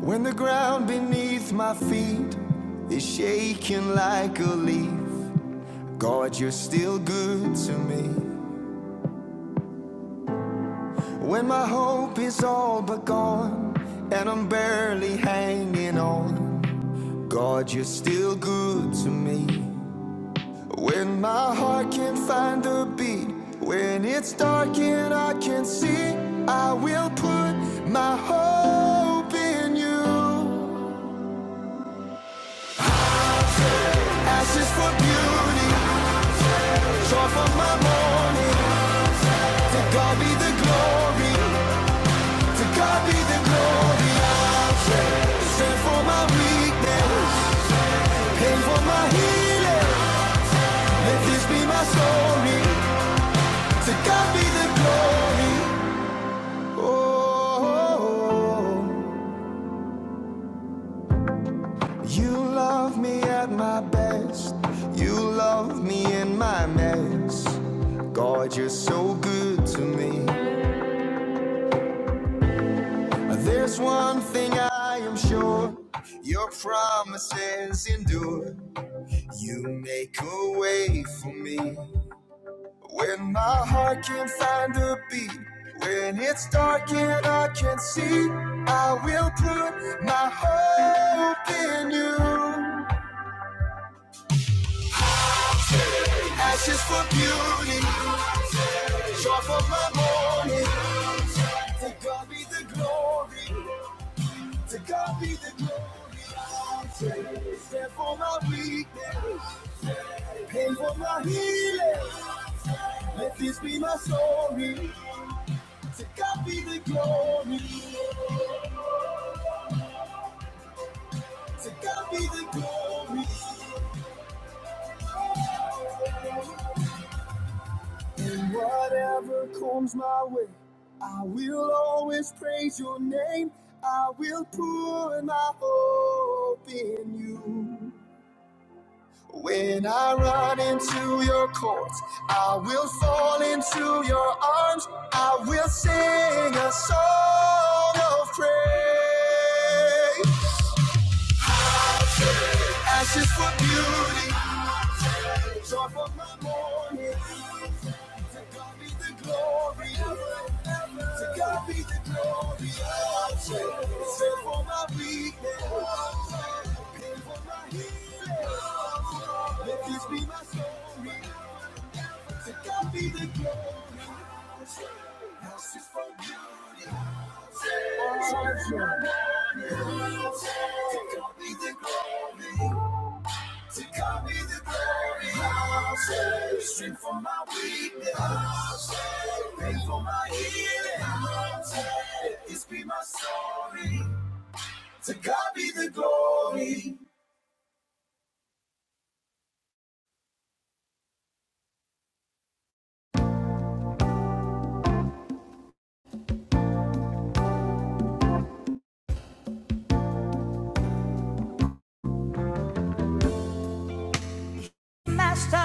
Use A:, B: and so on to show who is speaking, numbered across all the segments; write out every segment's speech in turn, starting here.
A: When the ground beneath my feet is shaking like a leaf, God, you're still good to me. When my hope is all but gone and I'm barely hanging on, God, you're still good to me. When my heart can't find a beat, when it's dark and I can not see, I will put my hope in you. Ashes for beauty, joy for my morning. You're so good to me. There's one thing I am sure your promises endure. You make a way for me when my heart can't find a beat. When it's dark and I can't see, I will put my hope in you. Ashes for beauty, joy for my morning. To God be the glory, to God be the glory. Stand for my weakness. Pay for my healing. Let this be my story. To God be the glory. To God be the glory. And whatever comes my way, I will always praise your name. I will put my hope in you. When I run into your courts, I will fall into your arms. I will sing a song of praise. Ashes for beauty, joy for my morning. To God be the glory, to God be the glory. Sin for my weakness, pain for my healing. Let this be my story. To God be the glory. Ashes for beauty, joy for my morning. To God be the glory. To call me the glory, I'll say. Strength for my weakness, I'll say. Pain for my healing, I'll say. Let this be my story. To God be the glory.
B: master,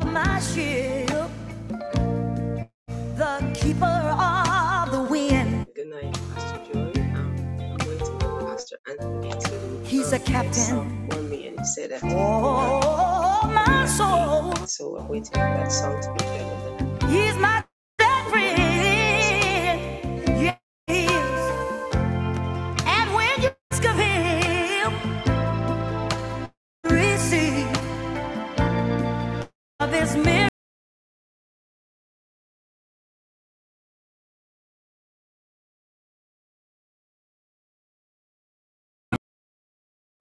B: of my ship, the keeper of the wind.
C: Good good night, Pastor Joy. Um, I'm waiting on Pastor Anthony to
B: He's a
C: um, play a song
B: captain.
C: for me, and he said that he would um,
B: Oh,
C: come in
B: my
C: at 8.
B: soul,
C: So I'm waiting for that song to be played, and then I'll be here
B: he's my best
C: for one
B: friend.
C: minute.
B: Yes, and when you ask of him, receive this miracle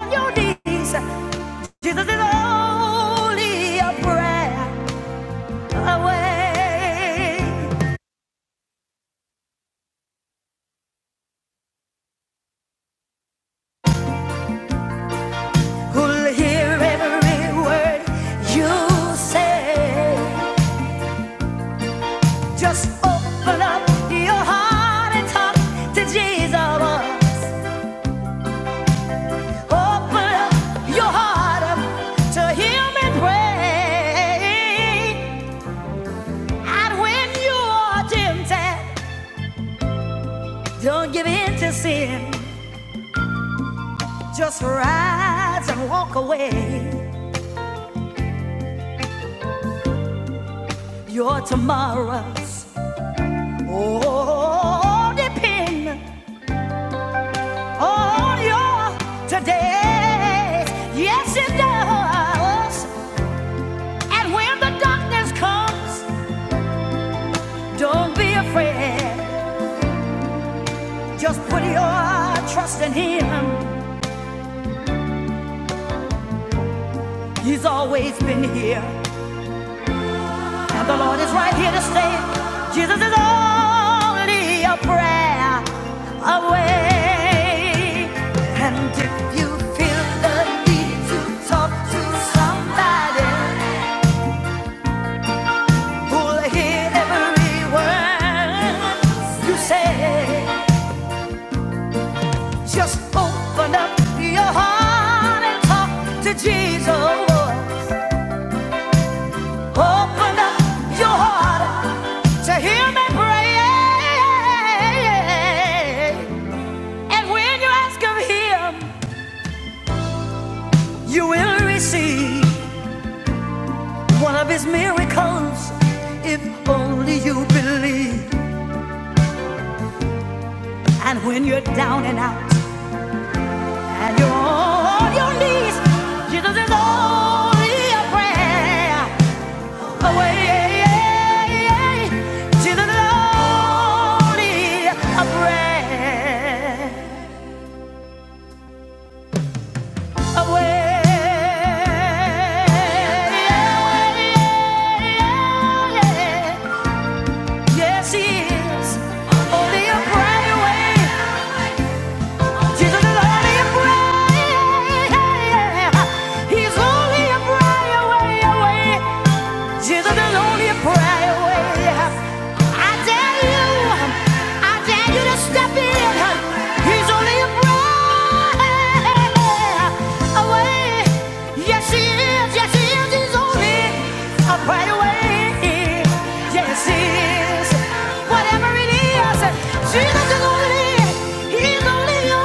B: on your knees. Jesus is only a prayer away. who'll hear every word you say. Just open up your heart and talk to Jesus. Open up your heart up to Him and pray. And when you are tempted, don't give in to sin. Just rise and walk away. Your tomorrows all depend on your today. Yes, it does. And when the darkness comes, don't be afraid. Just put your trust in Him. He's always been here, and the Lord is right here to stay. Jesus is only a prayer away. And if you feel the need to talk to somebody, Will hear every word you say. Just open up your heart and talk to Jesus. Open up your heart to hear me pray. And when you ask of Him, you will receive one of His miracles if only you believe. And when you're down and out, And on your knees. Jesus is only a prayer away. Jesus is only a prayer away. Yes, he is only a prayer away. Jesus is only a prayer. He's only a prayer away, away. She's the lonely prayer away. I dare you, I dare you to step in. He's only a prayer away. Yes, he is, yes, he is. He's only a prayer away. Yes, he is. Whatever it is, Jesus is only, he's only way.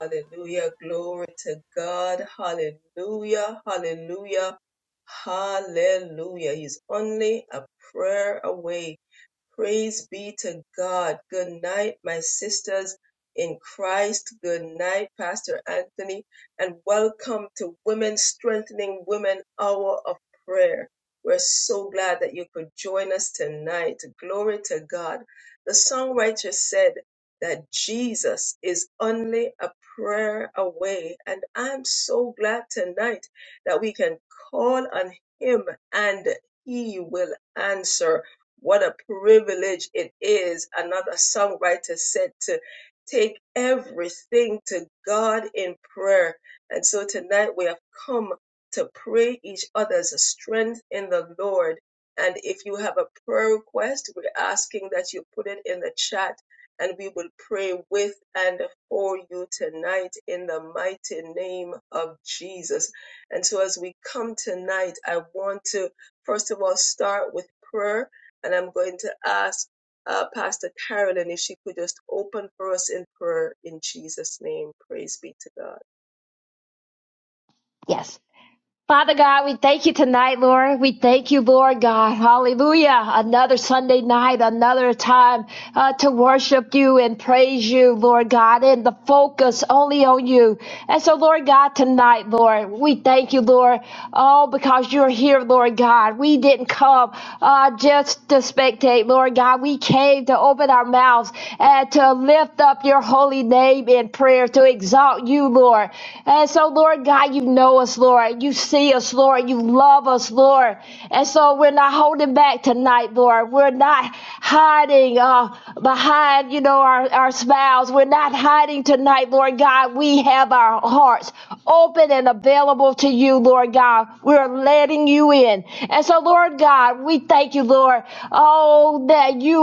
C: Hallelujah. Glory to God. Hallelujah. Hallelujah. Hallelujah. He's only a prayer away. Praise be to God. Good night, my sisters in Christ. Good night, Pastor Anthony. And welcome to Women Strengthening Women Hour of Prayer. We're so glad that you could join us tonight. Glory to God. The songwriter said, that Jesus is only a prayer away. And I'm so glad tonight that we can call on Him and He will answer. What a privilege it is. Another songwriter said to take everything to God in prayer. And so tonight we have come to pray each other's strength in the Lord. And if you have a prayer request, we're asking that you put it in the chat and we will pray with and for you tonight in the mighty name of Jesus. And so, as we come tonight, I want to first of all start with prayer, and I'm going to ask uh, Pastor Carolyn if she could just open for us in prayer in Jesus' name. Praise be to God.
D: Yes. Father God, we thank you tonight, Lord. We thank you, Lord God. Hallelujah. Another Sunday night, another time uh, to worship you and praise you, Lord God, and the focus only on you. And so, Lord God, tonight, Lord, we thank you, Lord, all because you're here, Lord God. We didn't come uh, just to spectate, Lord God. We came to open our mouths and to lift up your holy name in prayer, to exalt you, Lord. And so, Lord God, you know know us, Lord. You see us, Lord. You love us, Lord. And so we're not holding back tonight, Lord. We're not hiding uh, behind, you know, our, our smiles. We're not hiding tonight, Lord God. We have our hearts open and available to you, Lord God. We're letting you in. And so, Lord God, we thank you, Lord. Oh, that you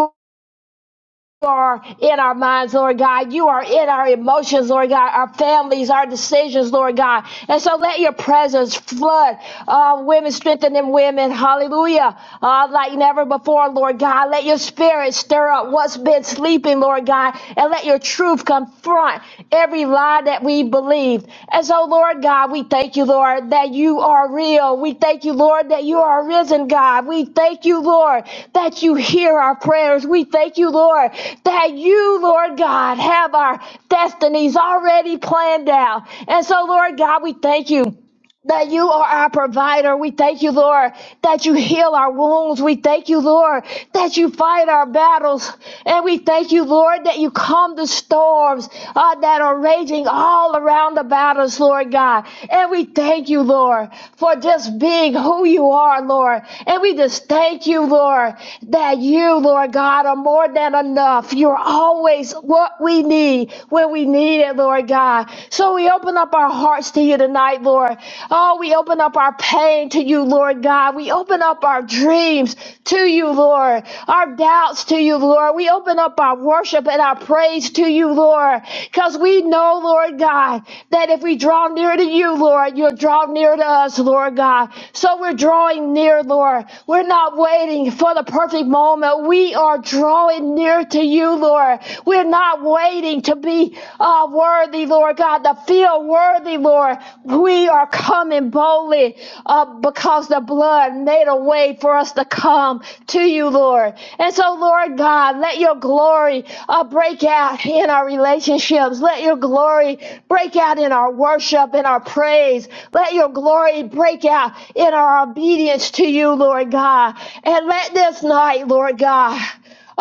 D: are in our minds, Lord God. You are in our emotions, Lord God, our families, our decisions, Lord God. And so let your presence flood uh, women, strengthen them women. Hallelujah. Uh, like never before, Lord God. Let your spirit stir up what's been sleeping, Lord God, and let your truth confront every every lie that we believed. And so, Lord God, we thank you, Lord, that you are real. We thank you, Lord, that you are risen, God. We thank you, Lord, that you hear our prayers. We thank you, Lord, that you, Lord God, have our destinies already planned out. And so, Lord God, we thank you that you are our provider. We thank you, Lord, that you heal our wounds. We thank you, Lord, that you fight our battles. And we thank you, Lord, that you calm the storms uh, that are raging all around about us, Lord God. And we thank you, Lord, for just being who you are, Lord. And we just thank you, Lord, that you, Lord God, are more than enough. You're always what we need when we need it, Lord God. So we open up up our hearts to you tonight, Lord. Oh, we open up our pain to you, Lord God. We open up our dreams to you, Lord. Our doubts to you, Lord. We open up our worship and our praise to you, Lord. Because we know, Lord God, that if we draw near to you, Lord, you'll draw near to us, Lord God. So we're drawing near, Lord. We're not waiting for the perfect moment. We are drawing near to you, Lord. We're not waiting to be Oh, worthy, Lord God, the feel worthy, Lord. We are coming boldly up because the blood made a way for us to come to you, Lord. And so, Lord God, let your glory uh, break out in our relationships. Let your glory break out in our worship and our praise. Let your glory break out in our obedience to you, Lord God. And let this night, Lord God,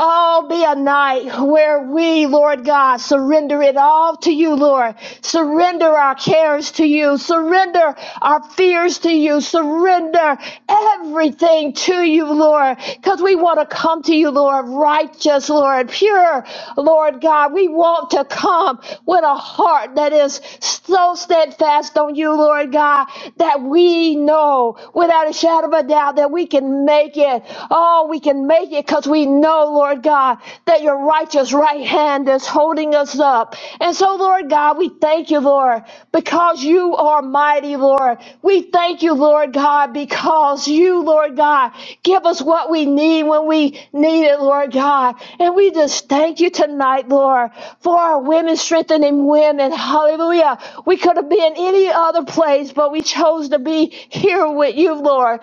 D: Oh, be a night where we, Lord God, surrender it all to you, Lord. Surrender our cares to you. Surrender our fears to you. Surrender everything to you, Lord, because we want to come to you, Lord, righteous, Lord, pure, Lord God. We want to come with a heart that is so steadfast on you, Lord God, that we know without a shadow of a doubt that we can make it. Oh. Oh, we can make it because we know, Lord God, that your righteous right hand is holding us up. And so, Lord God, we thank you, Lord, because you are mighty, Lord. We thank you, Lord God, because you, Lord God, give us what we need when we need it, Lord God. And we just thank you tonight, Lord, for our women strengthening women. Hallelujah. We could have been any other place, but we chose to be here with you, Lord.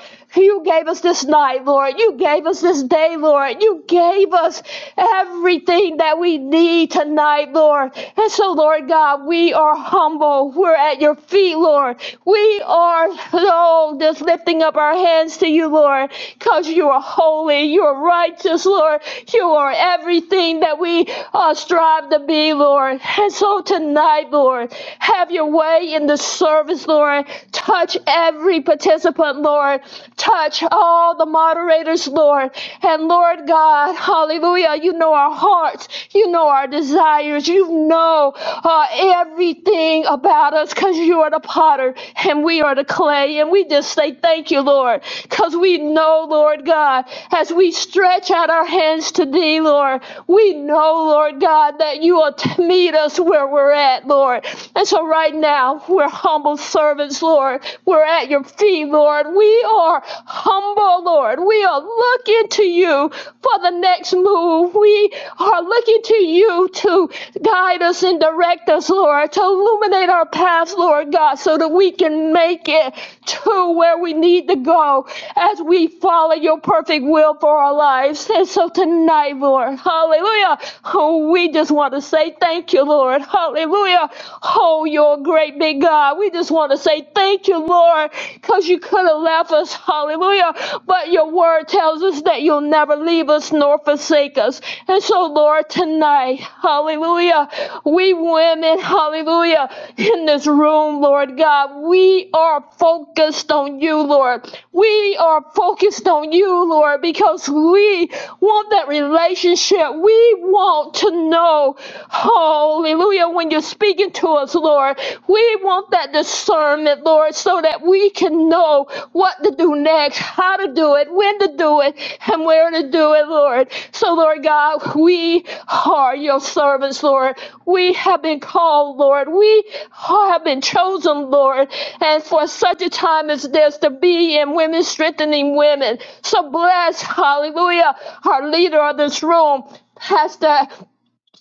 D: You gave us this night, Lord. You gave us this day, Lord. You gave us everything that we need tonight, Lord. And so, Lord God, we are humble. We're at your feet, Lord. We are, oh, just lifting up our hands to you, Lord, because you are holy. You are righteous, Lord. You are everything that we uh, strive to be, Lord. And so tonight, Lord, have your way in the service, Lord. Touch every every participant, Lord. Touch all the moderators, Lord. And Lord God, hallelujah, you know our hearts, you know our desires, you know uh, everything about us because you are the potter and we are the clay. And we just say thank you, Lord, because we know, Lord God, as we stretch out our hands to thee, Lord, we know, Lord God, that you will t- meet us where we're at, Lord. And so right now, we're humble humble servants, Lord. We're at your feet, Lord. We are humble, Lord. We are looking to you for the next move. We are looking to you to guide us and direct us, Lord, to illuminate our paths, Lord God, so that we can make it to where we need to go as we follow your perfect will for our lives. And so tonight, Lord, hallelujah. Oh, we just want to say thank you, Lord. Hallelujah. oh, Oh, you're a great big God. We just want to say thank you, Lord, because you could have left us. Hallelujah. But your word tells us that you'll never leave us nor forsake us. And so, Lord, tonight, hallelujah, we women, hallelujah, in this room, Lord God, we are focused on you, Lord. We are focused on you, Lord, because we want that relationship. We want to know, oh Hallelujah. When you're speaking to us, Lord, we want that discernment, Lord, so that we can know what to do next, how to do it, when to do it, and where to do it, Lord. So, Lord God, we are your servants, Lord. We have been called, Lord. We have been chosen, Lord, and for such a time as this to be in women strengthening women. So bless, hallelujah, our leader of this room. Pastor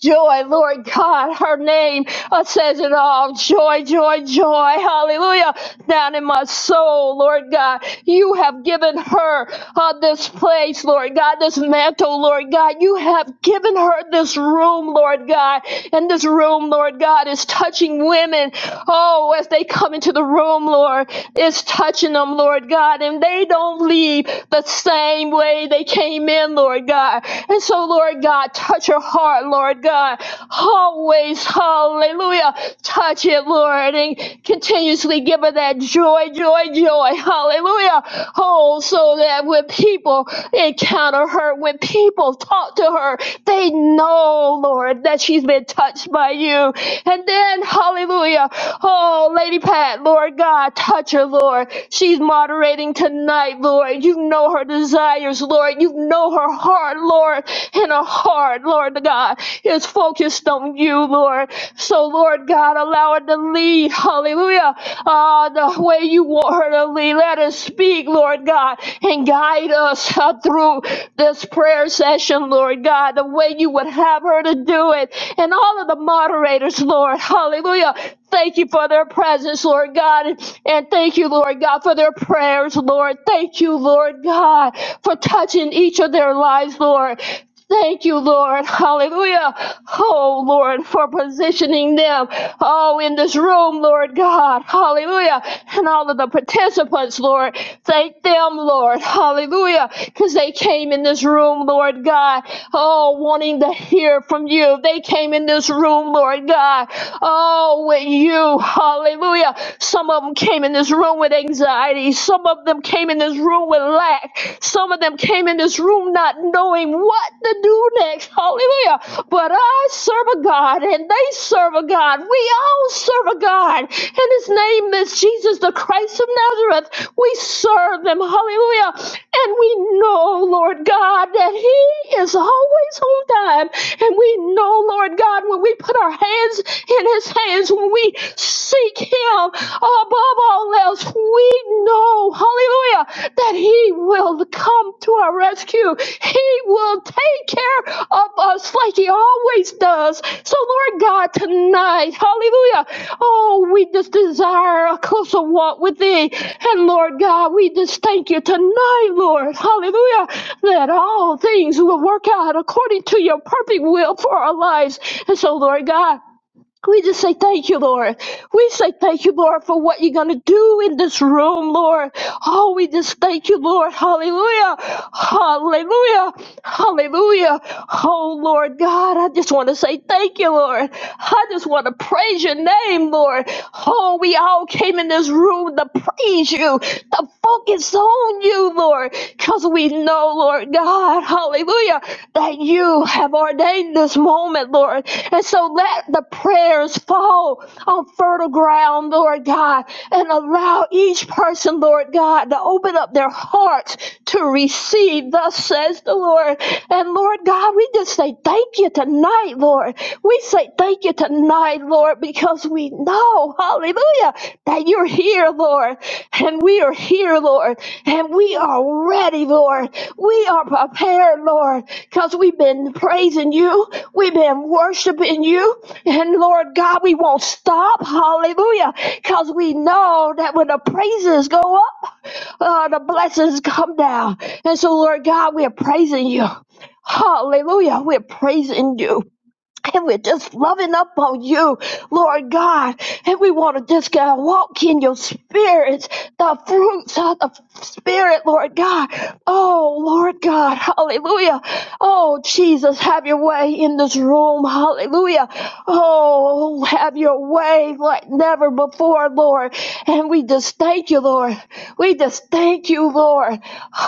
D: Joy, Lord God, her name uh, says it all. Joy, joy, joy, hallelujah. Down in my soul, Lord God, you have given her uh, this place, Lord God, this mantle, Lord God. You have given her this room, Lord God. And this room, Lord God, is touching women. Oh, as they come into the room, Lord, it's touching them, Lord God. And they don't leave the same way they came in, Lord God. And so so, Lord God, touch her heart, Lord God. Always, hallelujah. Touch it, Lord, and continuously give her that joy, joy, joy. Hallelujah. Oh, so that when people encounter her, when people talk to her, they know, Lord, that she's been touched by you. And then, hallelujah. Oh, Lady Pat, Lord God, touch her, Lord. She's moderating tonight, Lord. You know her desires, years, Lord. You know her heart, Lord, and her heart, Lord God, is focused on you, Lord. So, Lord God, allow her to lead, hallelujah, uh, the way you want her to lead. Let her speak, Lord God, and guide us uh, through this prayer session, Lord God, the way you would have her to do it. And all of the moderators, Lord, hallelujah, Thank you for their presence, Lord God. And thank you, Lord God, for their prayers, Lord. Thank you, Lord God, for touching each of their lives, Lord. Thank you, Lord. Hallelujah. Oh, Lord, for positioning them. Oh, in this room, Lord God. Hallelujah. And all of the participants, Lord. Thank them, Lord. Hallelujah. Because they came in this room, Lord God. Oh, wanting to hear from you. They came in this room, Lord God. Oh all with you. Hallelujah. Some of them came in this room with anxiety. Some of them came in this room with lack. Some of them came in this room not knowing what to do next. Hallelujah. But I serve a God and they serve a God. We all serve a God. And his name is Jesus, the Christ of Nazareth. We serve them. Hallelujah. And we know, Lord God, that he is always on time. And we know, Lord God, when we put our hands in his hands when we seek him above all else. We know, hallelujah, that he will come to our rescue. He will take care of us like he always does. So, Lord God, tonight, hallelujah, oh, we just desire a closer walk with thee. And, Lord God, we just thank you tonight, Lord, hallelujah, that all things will work out according to your perfect will for our lives. And so, Lord God, we just say thank you, Lord. We say thank you, Lord, for what you're going to do in this room, Lord. Oh, we just thank you, Lord. Hallelujah. Hallelujah. Hallelujah. Oh, Lord God, I just want to say thank you, Lord. I just want to praise your name, Lord. Oh, we all came in this room to praise you, to focus on you, Lord, because we know, Lord God, hallelujah, that you have ordained this moment moment, Lord. And so let the prayers fall on fertile ground, Lord God, and allow each person, Lord God, to open up their hearts to receive, thus says the Lord. And Lord God, we just say thank you tonight, Lord. We say thank you tonight, Lord, because we know, hallelujah, that you're here, Lord. And we are here, Lord. And we are ready, Lord. We are prepared, Lord. Because we've been praising you, we've been worshiping you, and Lord God, we won't stop. Hallelujah. Because we know that when the praises go up, uh, the blessings come down. And so, Lord God, we're praising you. Hallelujah. We're praising you. And we're just loving up on you, Lord God. And we want to just God, walk in your spirit, the fruits of the spirit, Lord God. Oh, Lord God. Hallelujah. Oh, Jesus, have your way in this room. Hallelujah. Oh, have your way like never before, Lord. And we just thank you, Lord. We just thank you, Lord.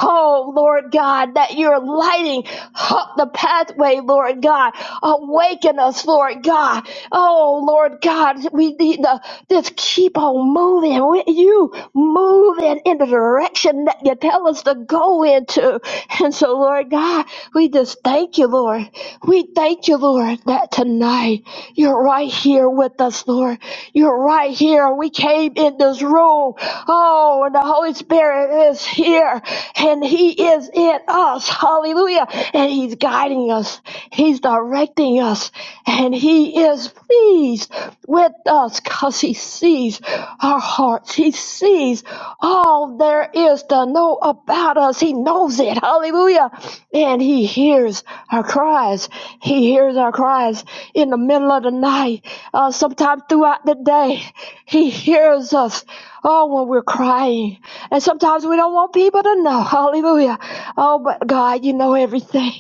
D: Oh, Lord God, that you're lighting up the pathway, Lord God. Awaken us, Lord God. Oh, Lord God, we need to just keep on moving. with You moving in the direction that you tell us to go into. And so, Lord God, we just thank you, Lord. We thank you, Lord, that tonight you're right here with us, Lord. You're right right here. We came in this room. Oh, and the Holy Spirit is here and He is in us. Hallelujah. And He's guiding us, He's directing us, and He is pleased with us because He sees our hearts. He sees all there is to know about us. He knows it. Hallelujah. And He hears our cries. He hears our cries in the middle of the night, uh, sometimes throughout the day. He hears us. Oh, when we're crying. And sometimes we don't want people to know. Hallelujah. Oh, but God, you know everything.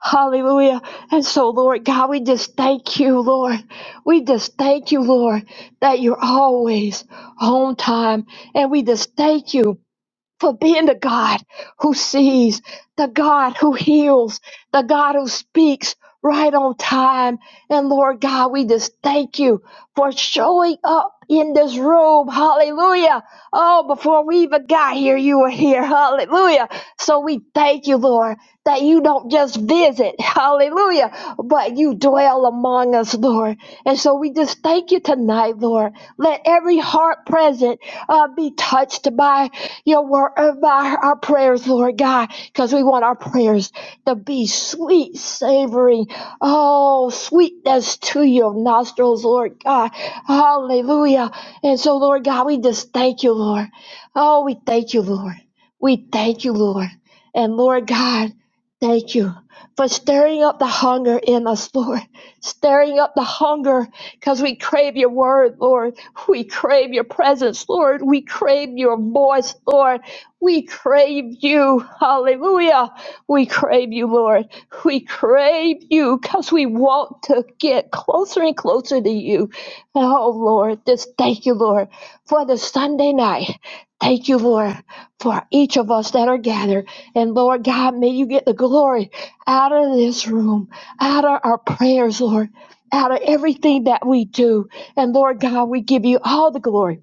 D: Hallelujah. And so, Lord God, we just thank you, Lord. We just thank you, Lord, that you're always on time. And we just thank you for being the God who sees, the God who heals, the God who speaks right on time. And Lord God, we just thank you for showing up in this room. Hallelujah. Oh, before we even got here, you were here. Hallelujah. So we thank you, Lord, that you don't just visit. Hallelujah. But you dwell among us, Lord. And so we just thank you tonight, Lord. Let every heart present uh, be touched by your word, uh, by our prayers, Lord God, because we want our prayers to be sweet, savory, oh, sweetness to your nostrils, Lord God. Hallelujah. And so, Lord God, we just thank you, Lord. Oh, we thank you, Lord. We thank you, Lord. And Lord God, thank you for stirring up the hunger in us, Lord. Stirring up the hunger because we crave your word, Lord. We crave your presence, Lord. We crave your voice, Lord. We crave you. Hallelujah. We crave you, Lord. We crave you because we want to get closer and closer to you. Oh, Lord, just thank you, Lord, for the Sunday night. Thank you, Lord, for each of us that are gathered. And Lord God, may you get the glory out of this room, out of our prayers, Lord, out of everything that we do. And Lord God, we give you all the glory.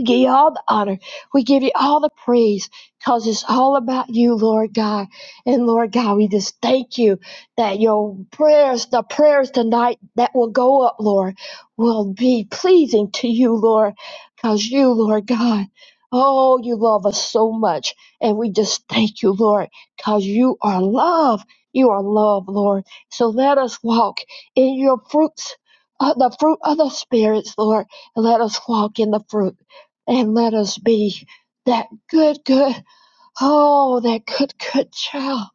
D: We give you all the honor. We give you all the praise because it's all about you, Lord God. And Lord God, we just thank you that your prayers, the prayers tonight that will go up, Lord, will be pleasing to you, Lord, because you, Lord God, oh, you love us so much. And we just thank you, Lord, because you are love. You are love, Lord. So let us walk in your fruits, uh, the fruit of the spirits, Lord. And let us walk in the fruit and let us be that good, good, oh, that good, good child.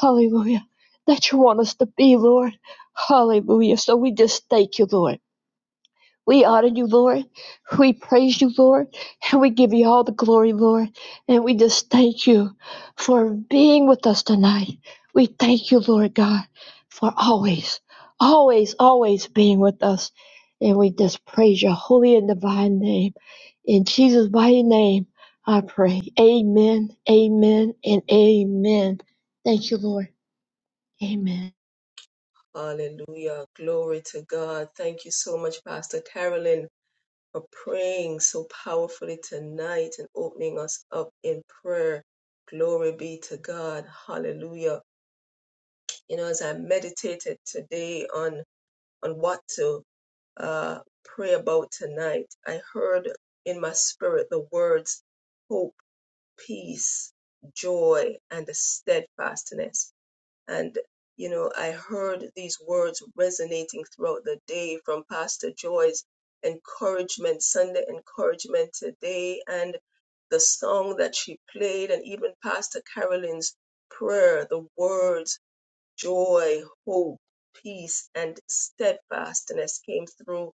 D: Hallelujah. That you want us to be, Lord. Hallelujah. So we just thank you, Lord. We honor you, Lord. We praise you, Lord. And we give you all the glory, Lord. And we just thank you for being with us tonight. We thank you, Lord God, for always, always, always being with us. And we just praise your holy and divine name. In Jesus' mighty name, I pray. Amen, amen, and amen. Thank you, Lord. Amen.
C: Hallelujah. Glory to God. Thank you so much, Pastor Carolyn, for praying so powerfully tonight and opening us up in prayer. Glory be to God. Hallelujah. You know, as I meditated today on on what to uh, pray about tonight, I heard in my spirit the words hope, peace, joy, and a steadfastness. And, you know, I heard these words resonating throughout the day from Pastor Joy's encouragement, Sunday encouragement today, and the song that she played, and even Pastor Carolyn's prayer, the words joy, hope, peace, and steadfastness came through.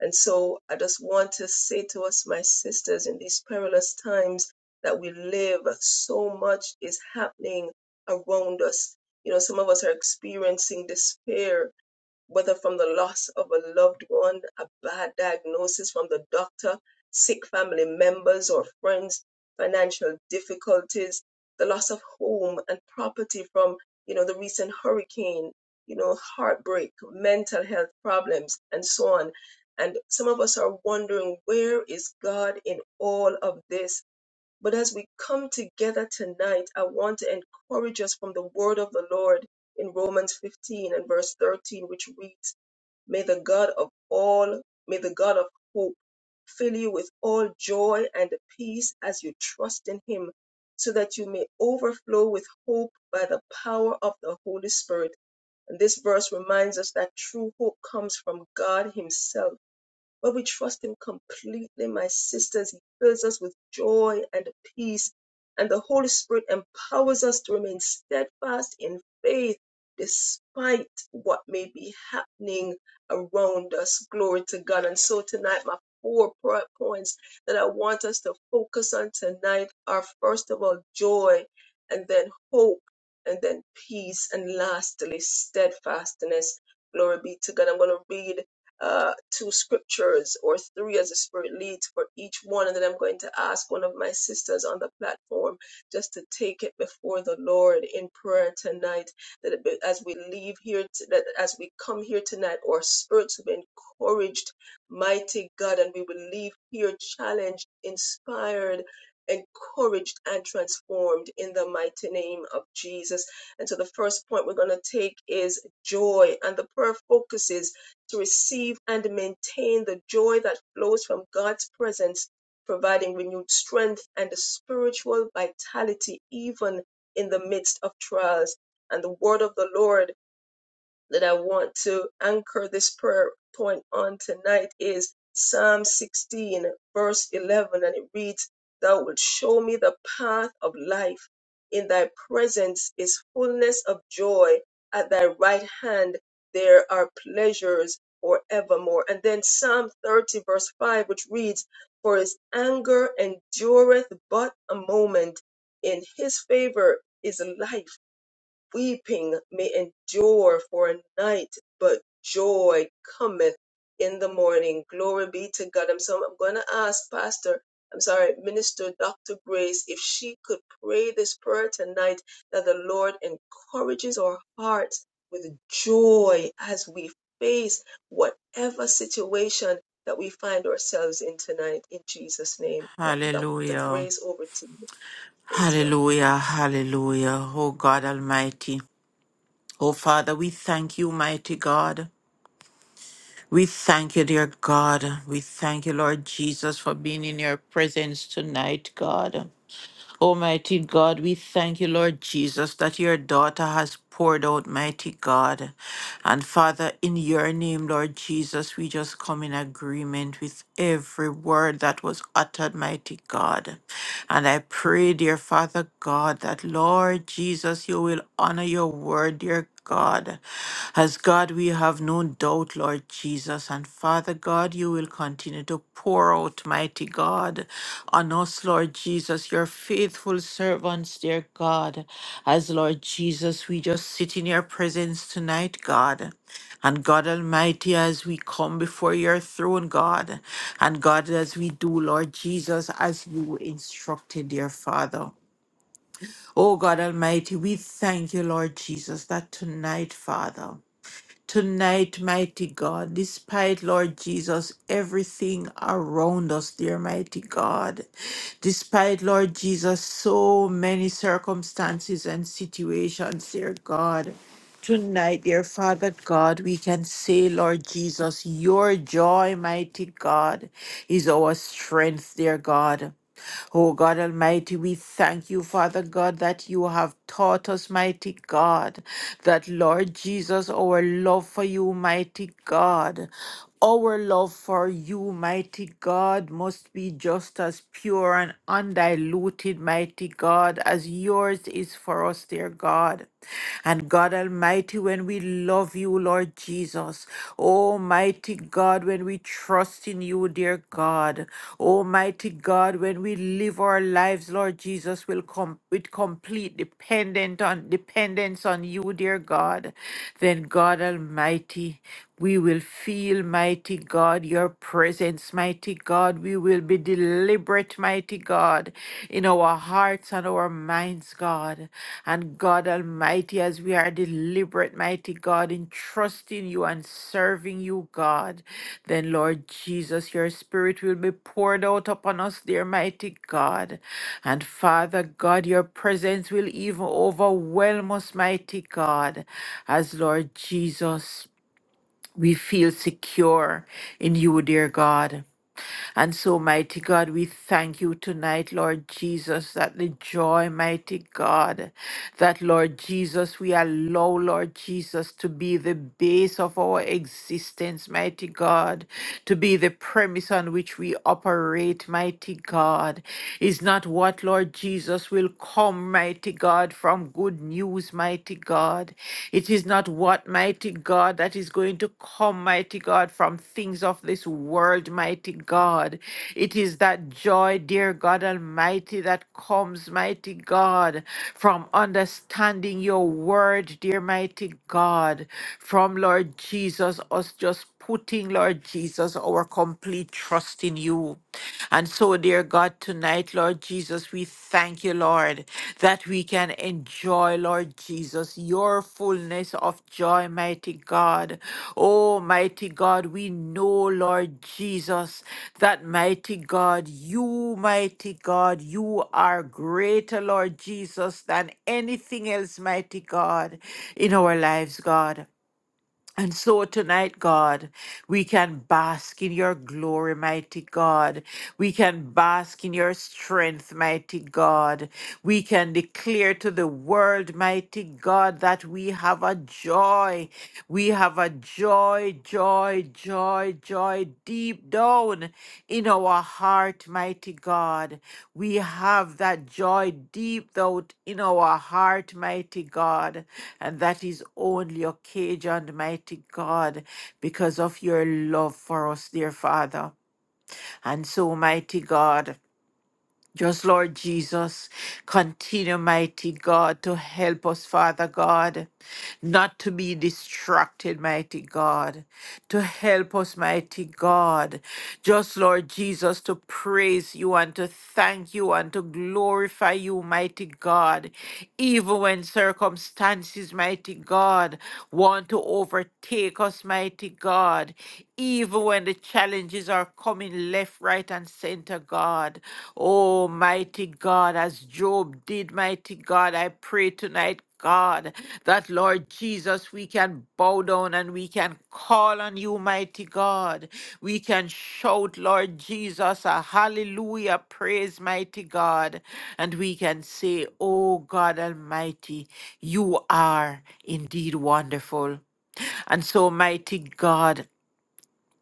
C: And so I just want to say to us, my sisters, in these perilous times that we live, so much is happening around us. You know, some of us are experiencing despair whether from the loss of a loved one, a bad diagnosis from the doctor, sick family members or friends, financial difficulties, the loss of home and property from, you know, the recent hurricane, you know, heartbreak, mental health problems, and so on. And some of us are wondering, where is God in all of this? But as we come together tonight, I want to encourage us from the word of the Lord in Romans 15 and verse 13, which reads, May the God of all, may the God of hope fill you with all joy and peace as you trust in him, so that you may overflow with hope by the power of the Holy Spirit. And this verse reminds us that true hope comes from God Himself but we trust Him completely, my sisters. He fills us with joy and peace, and the Holy Spirit empowers us to remain steadfast in faith despite what may be happening around us. Glory to God. And so tonight, my four prayer points that I want us to focus on tonight are first of all, joy, and then hope, and then peace, and lastly, steadfastness. Glory be to God. I'm going to read uh, two scriptures or three as the Spirit leads for each one. And then I'm going to ask one of my sisters on the platform just to take it before the Lord in prayer tonight. That it be, as we leave here, t- that as we come here tonight, our spirits will be encouraged, mighty God, and we will leave here challenged, inspired. Encouraged and transformed in the mighty name of Jesus. And so the first point we're going to take is joy. And the prayer focuses to receive and maintain the joy that flows from God's presence, providing renewed strength and a spiritual vitality even in the midst of trials. And the word of the Lord that I want to anchor this prayer point on tonight is Psalm 16, verse 11, and it reads, Thou wilt show me the path of life. In thy presence is fullness of joy. At thy right hand there are pleasures forevermore. And then Psalm 30, verse 5, which reads, For his anger endureth but a moment. In his favor is life weeping may endure for a night, but joy cometh in the morning. Glory be to God. I'm so I'm gonna ask Pastor, I'm sorry, Minister Dr. Grace, if she could pray this prayer tonight that the Lord encourages our hearts with joy as we face whatever situation that we find ourselves in tonight in Jesus' name. Pa- Dr.
E: Hallelujah.
C: Grace, over to you. Praise God.
E: Hallelujah. Hallelujah. Oh God Almighty. Oh Father, we thank you, mighty God. We thank you, dear God. We thank you, Lord Jesus, for being in your presence tonight, God. Almighty God, we thank you, Lord Jesus, that your daughter has poured out, mighty God. And Father, in your name, Lord Jesus, we just come in agreement with every word that was uttered, mighty God. And I pray, dear Father God, that Lord Jesus, you will honor your word, dear God. As God, we have no doubt, Lord Jesus. And Father God, you will continue to pour out, mighty God, on us, Lord Jesus, your faithful servants, dear God. As Lord Jesus, we just sit in your presence tonight, God. And God Almighty, as we come before your throne, God, and God, as we do, Lord Jesus, as you instructed, dear Father. Oh God Almighty, we thank you, Lord Jesus, that tonight, Father, tonight, mighty God, despite, Lord Jesus, everything around us, dear mighty God, despite, Lord Jesus, so many circumstances and situations, dear God. Tonight, dear Father God, we can say, Lord Jesus, your joy, mighty God, is our strength, dear God. Oh God Almighty, we thank you, Father God, that you have taught us, mighty God, that Lord Jesus, our love for you, mighty God, our love for you, mighty God, must be just as pure and undiluted, mighty God, as yours is for us, dear God. And God Almighty, when we love you, you, Lord Jesus. Almighty God, when we trust in you, dear God. Almighty God, when we live our lives, Lord Jesus, will come with complete dependent on dependence on you, dear God. Then God Almighty, we will feel, mighty God, your presence, mighty God. We will be deliberate, mighty God, in our hearts and our minds, God. And God Almighty, as we are deliberate, mighty God, in trusting you and serving you, God, then, Lord Jesus, your spirit will be poured out upon us, dear mighty God. And Father God, your presence will even overwhelm us, mighty God, as Lord Jesus. We feel secure in you, dear God. And so, mighty God, we thank you tonight, Lord Jesus, that the joy, mighty God, that, Lord Jesus, we allow, Lord Jesus, to be the base of our existence, mighty God, to be the premise on which we operate, mighty God, is not what, Lord Jesus, will come, mighty God, from good news, mighty God. It is not what, mighty God, that is going to come, mighty God, from things of this world, mighty God. It is that joy, dear God Almighty, that comes, mighty God, from understanding your word, dear mighty God, from Lord Jesus, us just putting, Lord Jesus, our complete trust in you. And so, dear God, tonight, Lord Jesus, we thank you, Lord, that we can enjoy, Lord Jesus, your fullness of joy, mighty God. Oh, mighty God, we know, Lord Jesus, that mighty God, you, mighty God, you are greater, Lord Jesus, than anything else, mighty God, in our lives, God. And so tonight, God, we can bask in your glory, mighty God. We can bask in your strength, mighty God. We can declare to the world, mighty God, that we have a joy. We have a joy, joy, joy, joy, joy deep down in our heart, mighty God. We have that joy deep down in our heart, mighty God. And that is only occasioned, mighty God, because of your love for us, dear Father. And so, mighty God. Just Lord Jesus, continue, mighty God, to help us, Father God, not to be distracted, mighty God, to help us, mighty God. Just Lord Jesus, to praise you and to thank you and to glorify you, mighty God, even when circumstances, mighty God, want to overtake us, mighty God, even when the challenges are coming left, right, and center, God. Oh, mighty God, as Job did, mighty God, I pray tonight. God, that Lord Jesus, we can bow down and we can call on you, mighty God. We can shout, Lord Jesus, a hallelujah, praise, mighty God. And we can say, Oh God Almighty, you are indeed wonderful. And so, mighty God,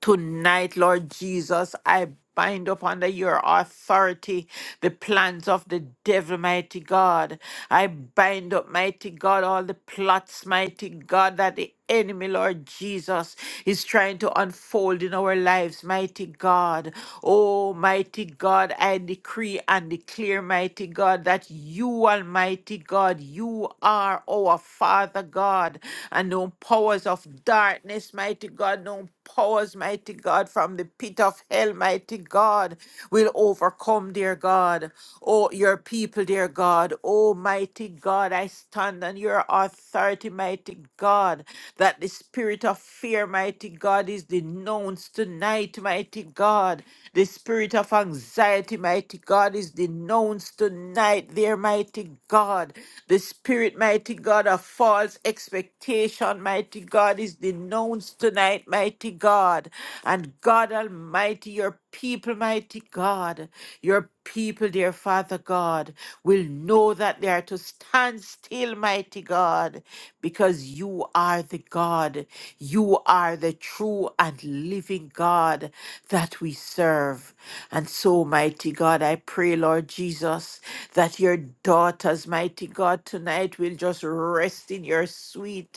E: Tonight, Lord Jesus, I bind up under your authority the plans of the devil, mighty God. I bind up, mighty God, all the plots, mighty God, that the enemy, Lord Jesus, is trying to unfold in our lives, mighty God. Oh, mighty God, I decree and declare, mighty God, that you, Almighty God, you are our Father God, and no powers of darkness, mighty God. God. No powers, mighty God, from the pit of hell, mighty God, will overcome, dear God. Oh, your people, dear God. Oh, mighty God, I stand on your authority, mighty God, that the spirit of fear, mighty God, is denounced tonight, mighty God. The spirit of anxiety, mighty God, is denounced tonight, there, mighty God. The spirit, mighty God, of false expectation, mighty God, God Is denounced tonight, mighty God. And God Almighty, your people, mighty God, your people, dear Father God, will know that they are to stand still, mighty God, because you are the God. You are the true and living God that we serve. And so, mighty God, I pray, Lord Jesus, that your daughters, mighty God, tonight will just rest in your sweet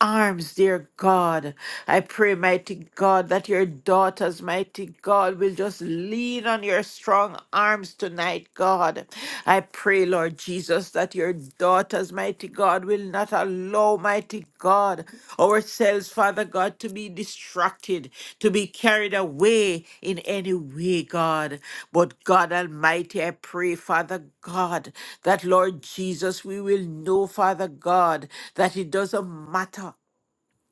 E: arms, dear God. I pray, mighty God, that your daughters, mighty God, will just lean on your strong arms tonight, God. I pray, Lord Jesus, that your daughters, mighty God, will not allow, mighty God ourselves, Father God, to be distracted, to be carried away in any way, God. But God Almighty, I pray, Father God, that Lord Jesus, we will know, Father God, that it doesn't matter.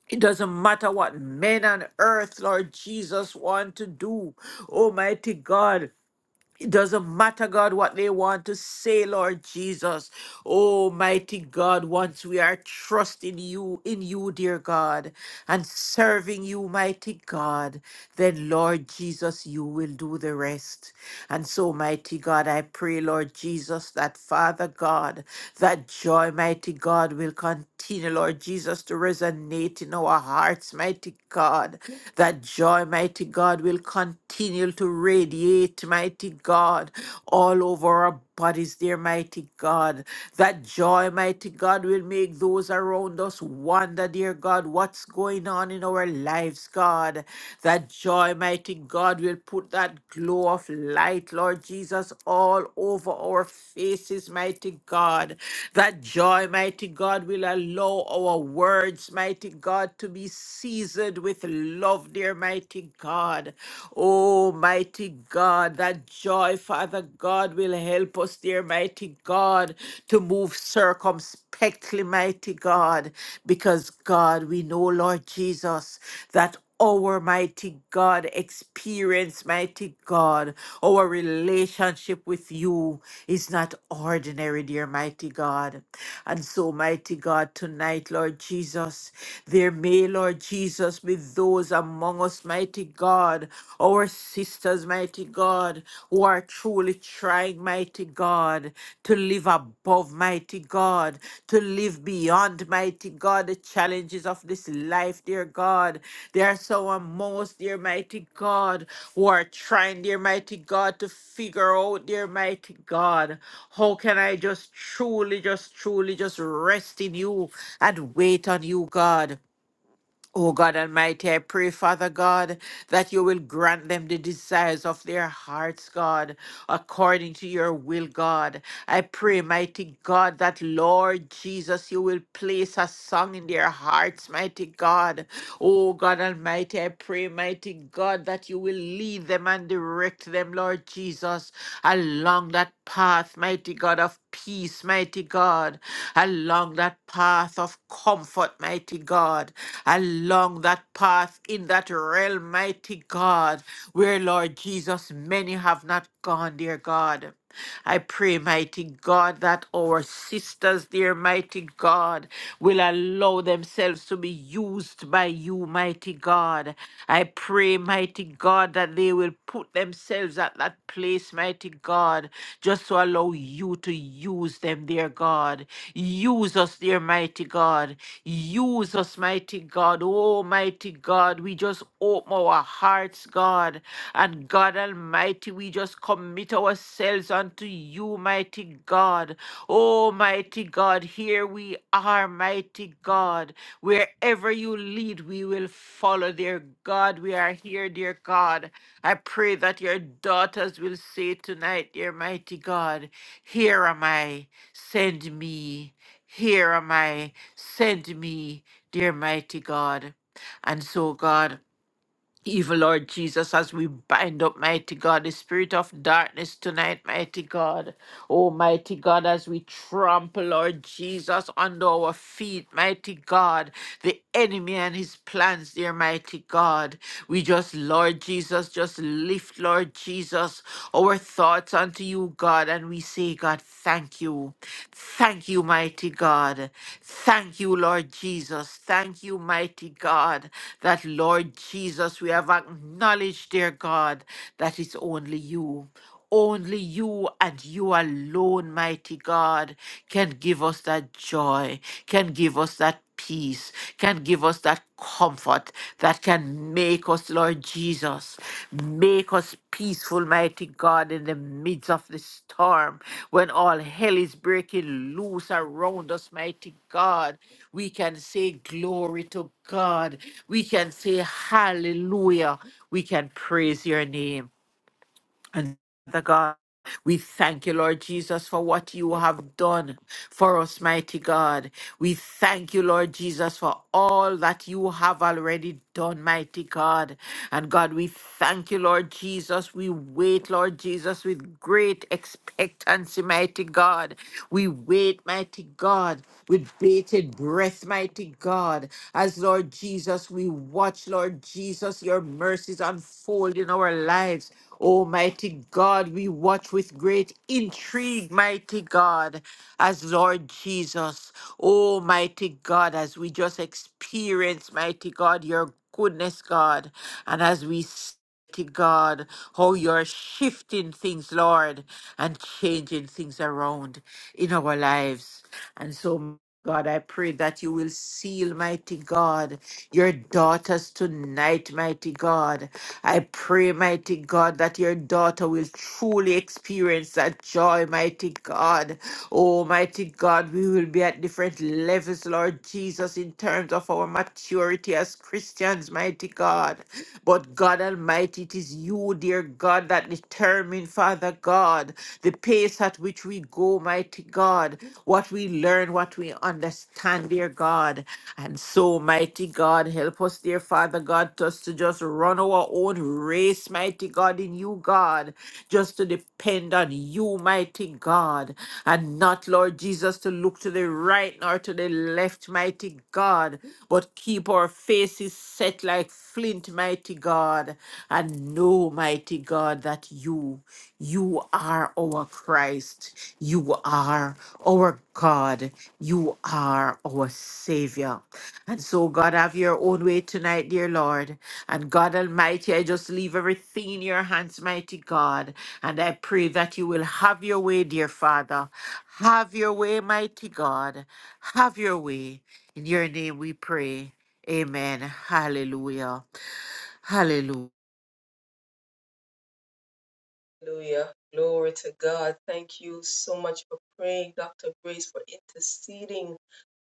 E: It doesn't matter what men on earth, Lord Jesus, want to do. Almighty God, it doesn't matter, God, what they want to say, Lord Jesus. Oh, mighty God, once we are trusting you, in you, dear God, and serving you, mighty God, then, Lord Jesus, you will do the rest. And so, mighty God, I pray, Lord Jesus, that Father God, that joy, mighty God, will continue, Lord Jesus, to resonate in our hearts, mighty God. That joy, mighty God, will continue to radiate, mighty God, all over our bodies, dear mighty God. That joy, mighty God, will make those around us wonder, dear God, what's going on in our lives, God. That joy, mighty God, will put that glow of light, Lord Jesus, all over our faces, mighty God. That joy, mighty God, will allow our words, mighty God, to be seasoned with love, dear mighty God. Oh, mighty God, that joy, Father God, will help us, dear mighty God, to move circumspectly, mighty God, because God, we know, Lord Jesus, that our mighty God experience, mighty God, our relationship with you is not ordinary, dear mighty God. And so, mighty God, tonight, Lord Jesus, there may, Lord Jesus, be with those among us, mighty God, our sisters, mighty God, who are truly trying, mighty God, to live above, mighty God, to live beyond, mighty God, the challenges of this life, dear God. There are some among us, dear mighty God, who are trying, dear mighty God, to figure out, dear mighty God, how can I just truly, just truly, just rest in you and wait on you, God. Oh God Almighty, I pray, Father God, that you will grant them the desires of their hearts, God, according to your will, God. I pray, mighty God, that Lord Jesus, you will place a song in their hearts, mighty God. Oh God Almighty, I pray, mighty God, that you will lead them and direct them, Lord Jesus, along that path, mighty God, of peace, mighty God, along that path of comfort, mighty God, along that path in that realm, mighty God, where, Lord Jesus, many have not gone, dear God. I pray, mighty God, that our sisters, dear mighty God, will allow themselves to be used by you, mighty God. I pray, mighty God, that they will put themselves at that place, mighty God, just to allow you you to use them, dear God. Use us, dear mighty God. Use us, mighty God. Oh, mighty God, we just open our hearts, God. And God Almighty, we just commit ourselves unto you, mighty God. Oh, mighty God, here we are, mighty God. Wherever you lead, we will follow, dear God. We are here, dear God. I pray that your daughters will say tonight, dear mighty God. Here am I, send me. Here am I, send me, dear mighty God. And so, God, evil Lord Jesus, as we bind up, mighty God, the spirit of darkness tonight, mighty God. Oh, mighty God, as we trample, Lord Jesus, under our feet, mighty God, the enemy and his plans, dear mighty God. We just, Lord Jesus, just lift, Lord Jesus, our thoughts unto you, God, and we say, God, thank you. Thank you, mighty God. Thank you, Lord Jesus. Thank you, mighty God, that, Lord Jesus, we have acknowledged, dear God, that it's only you. Only you and you alone, mighty God, can give us that joy, can give us that peace, can give us that comfort that can make us, Lord Jesus, make us peaceful, mighty God, in the midst of the storm. When all hell is breaking loose around us, mighty God, we can say glory to God. We can say hallelujah. We can praise your name. And Father God, we thank you, Lord Jesus, for what you have done for us, mighty God. We thank you, Lord Jesus, for all that you have already done, mighty God. And God, we thank you, Lord Jesus. We wait, Lord Jesus, with great expectancy, mighty God. We wait, mighty God, with bated breath, mighty God. As Lord Jesus, we watch, Lord Jesus, your mercies unfold in our lives. Almighty God, we watch with great intrigue, mighty God, as Lord Jesus. Almighty God, as we just experience, mighty God, your goodness, God, and as we to God, how you're shifting things, Lord, and changing things around in our lives. And so, God, I pray that you will seal, mighty God, your daughters tonight, mighty God. I pray, mighty God, that your daughter will truly experience that joy, mighty God. Oh, mighty God, we will be at different levels, Lord Jesus, in terms of our maturity as Christians, mighty God. But God Almighty, it is you, dear God, that determine, Father God, the pace at which we go, mighty God, what we learn, what we understand, dear God. And so, mighty God, help us, dear Father God, just to just run our own race, mighty God, in you, God just to depend on you, mighty God, and not, Lord Jesus, to look to the right nor to the left, mighty God, but keep our faces set like flint, mighty God, and know, mighty God, that you, you are our Christ. You are are our God. You are our Savior. And so, God, have your own way tonight, dear Lord. And God Almighty, I just leave everything in your hands, mighty God. And I pray that you will have your way, dear Father. Have your way, mighty God. Have your way. In your name we pray. Amen. Hallelujah. Hallelujah.
C: Hallelujah. Glory to God. Thank you so much for praying, Dr. Grace, for interceding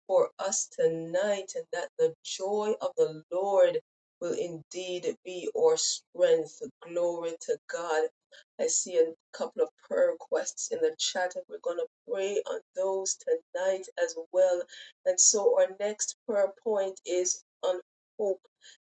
C: for us tonight, and that the joy of the Lord will indeed be our strength. Glory to God. I see a couple of prayer requests in the chat, and we're going to pray on those tonight as well. And so, our next prayer point is on hope.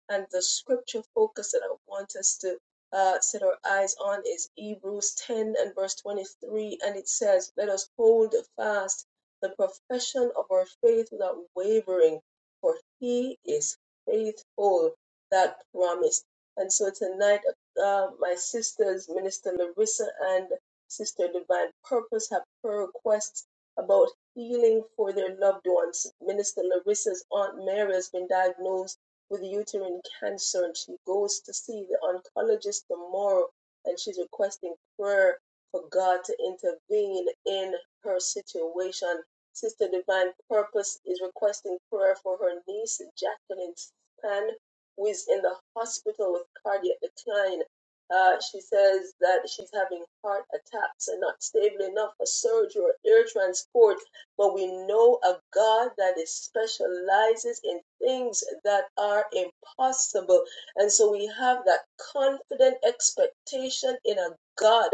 C: And the scripture focus that I want us to uh, set our eyes on is Hebrews 10 and verse 23. And it says, Let us hold fast the profession of our faith without wavering, for he is faithful that promised. And so tonight, uh, my sisters, Minister Larissa and Sister Divine Purpose, have prayer requests about healing for their loved ones. Minister Larissa's Aunt Mary has been diagnosed with uterine cancer, and she goes to see the oncologist tomorrow, and she's requesting prayer for God to intervene in her situation. Sister Divine Purpose is requesting prayer for her niece, Jacqueline Span, who is in the hospital with cardiac decline. Uh, she says that she's having heart attacks and not stable enough for surgery or air transport. But we know a God that is specializes in things that are impossible. And so we have that confident expectation in a God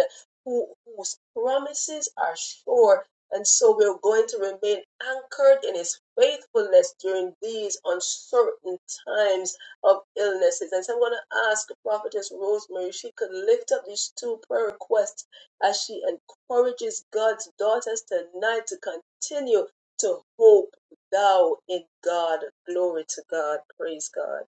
C: who, whose promises are sure and so we're going to remain anchored in His faithfulness during these uncertain times of illnesses. And so I'm going to ask Prophetess Rosemary if she could lift up these two prayer requests as she encourages God's daughters tonight to continue to hope thou in God. Glory to God. Praise God.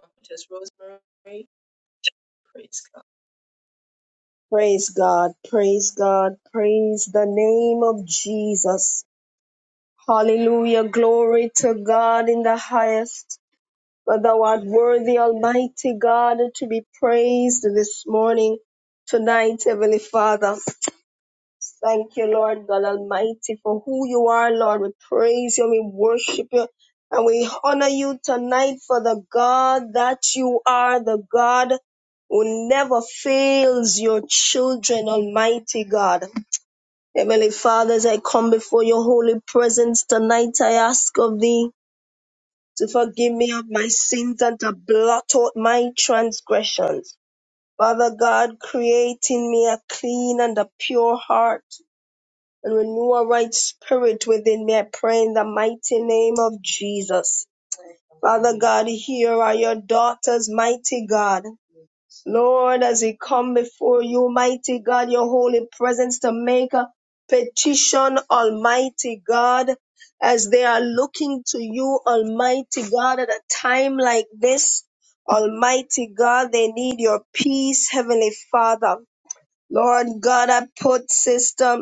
C: Prophetess Rosemary, praise God.
F: Praise God, praise God, praise the name of Jesus. Hallelujah, glory to God in the highest. For thou art worthy, Almighty God, to be praised this morning, tonight, Heavenly Father. Thank you, Lord God Almighty, for who you are, Lord. We praise you, we worship you, and we honor you tonight for the God that you are, the God who never fails your children, Almighty God. Heavenly Father, as I come before your holy presence tonight, I ask of thee to forgive me of my sins and to blot out my transgressions. Father God, create in me a clean and a pure heart and renew a right spirit within me. I pray in the mighty name of Jesus. Father God, here are your daughters, mighty God. Lord, as we come before you, mighty God, your holy presence to make a petition, almighty God, as they are looking to you, almighty God, at a time like this. Almighty God, they need your peace, Heavenly Father. Lord God, I put system.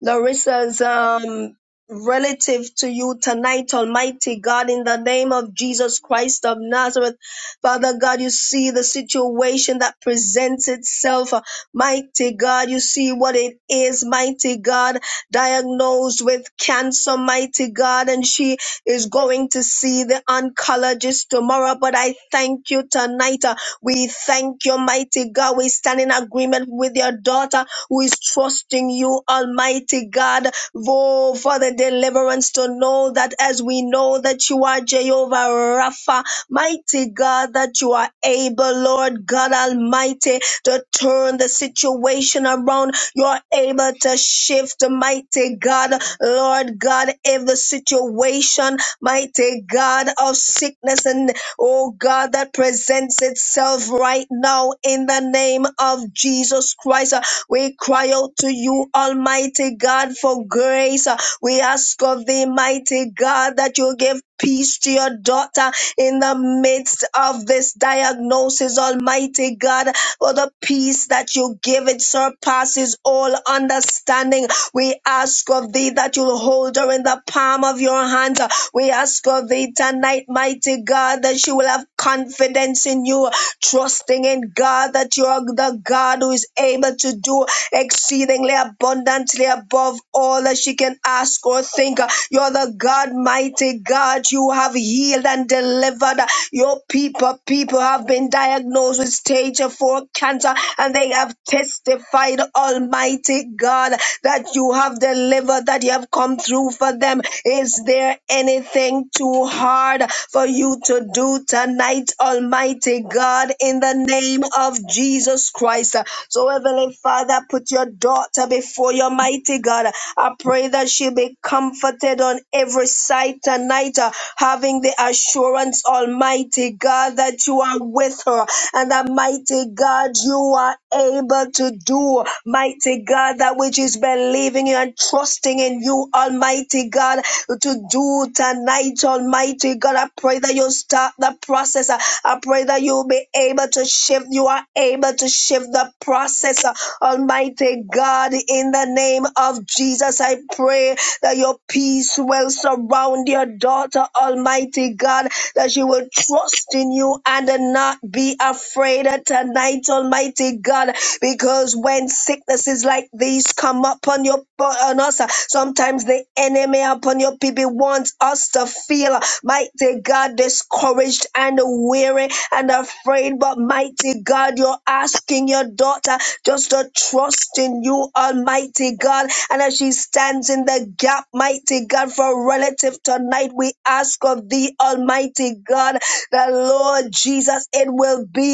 F: Larissa's um, relative to you tonight, Almighty God, in the name of Jesus Christ of Nazareth. Father God, you see the situation that presents itself. Mighty God, you see what it is, mighty God, diagnosed with cancer, mighty God, and she is going to see the oncologist tomorrow. But I thank you tonight. Uh, We thank you, mighty God. We stand in agreement with your daughter who is trusting you, Almighty God, Oh, for the deliverance to know that as we know that you are Jehovah Rapha, mighty God, that you are able, Lord God Almighty, to turn the situation around. You're able to shift, mighty God, Lord God, if the situation, mighty God, of sickness and oh God, that presents itself right now in the name of Jesus Christ. We cry out to you, Almighty God, for grace. We ask of thee, mighty God, that you give peace to your daughter in the midst of this diagnosis, Almighty God, for the peace that you give it surpasses all understanding. We ask of thee that you'll hold her in the palm of your hands. We ask of thee tonight, mighty God, that she will have confidence in you, trusting in God that you are the God who is able to do exceedingly abundantly above all that she can ask or think. You're the God, mighty God. You have healed and delivered your people. People have been diagnosed with stage 4 cancer and they have testified, Almighty God, that you have delivered, that you have come through for them. Is there anything too hard for you to do tonight, Almighty? mighty God, in the name of Jesus Christ. So, Heavenly Father, put your daughter before your mighty God. I pray that she be comforted on every side tonight, uh, having the assurance, Almighty God, that you are with her and that mighty God, you are able to do, mighty God, that which is believing you and trusting in you, Almighty God, to do do tonight, Almighty God. I pray that you start the process. Uh, I pray that you'll be able to shift. You are able to shift the process, uh, Almighty God. In the name of Jesus, I pray that your peace will surround your daughter, Almighty God, that she will trust in you and not be afraid tonight, Almighty God, because when sicknesses like these enemies come upon your on us. Sometimes the enemy upon your people wants us to feel mighty God discouraged and weary and afraid. But mighty God, you're asking your daughter just to trust in you, Almighty God. And as she stands in the gap, mighty God, for a relative tonight, we ask of thee, Almighty God, the Lord Jesus, it will be.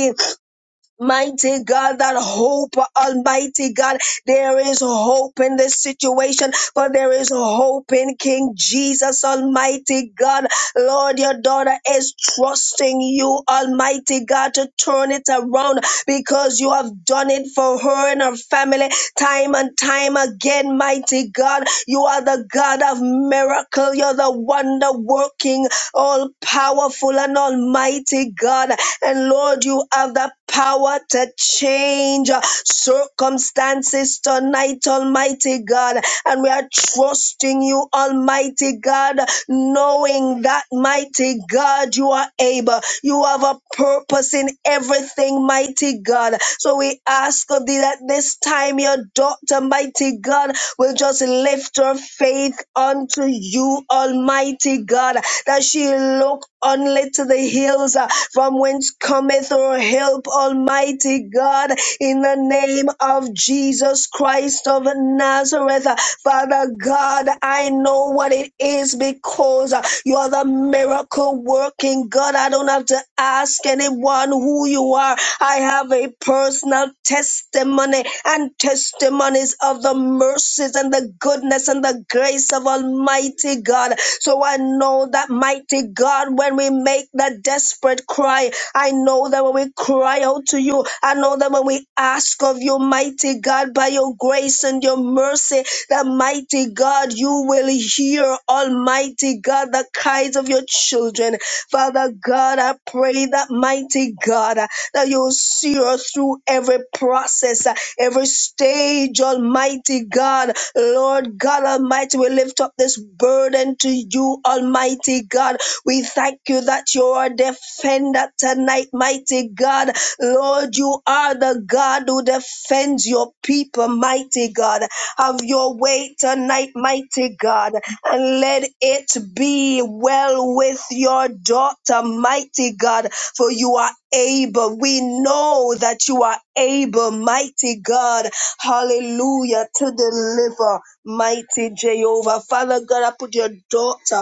F: Mighty God, that hope, Almighty God, there is hope in this situation, but there is hope in King Jesus, Almighty God. Lord, your daughter is trusting you, Almighty God, to turn it around because you have done it for her and her family time and time again, mighty God. You are the God of miracle. You're the wonder working, all powerful and almighty God. And Lord, you have the power to change uh, circumstances tonight, Almighty God. And we are trusting you, Almighty God, knowing that, mighty God, you are able. You have a purpose in everything, mighty God. So we ask of thee that this time your daughter, mighty God, will just lift extra faith unto you, Almighty God, that she look only to the hills uh, from whence cometh her help, Almighty God, in the name of Jesus Christ of Nazareth. Uh, Father God, I know what it is because uh, you are the miracle working God. I don't have to ask anyone who who you are. I have a personal testimony and testimonies of the mercies and the goodness and the grace of Almighty God. So I know that mighty God, when we make that desperate cry, I know that when we cry out to you, I know that when we ask of you, mighty God, by your grace and your mercy, that mighty God you will hear, Almighty God, the cries of your children. Father God, I pray that, mighty God, uh, that you'll see us through every process, uh, every stage, Almighty God. Lord God Almighty, we lift up this burden to you, Almighty God. We thank you that you are a defender tonight, mighty God. Lord, you are the God who defends your people, mighty God of your way tonight, mighty God. And let it be well with your daughter, mighty God, for you are able. We know that you are able, mighty God. Hallelujah to deliver, mighty Jehovah. Father God, I put your daughter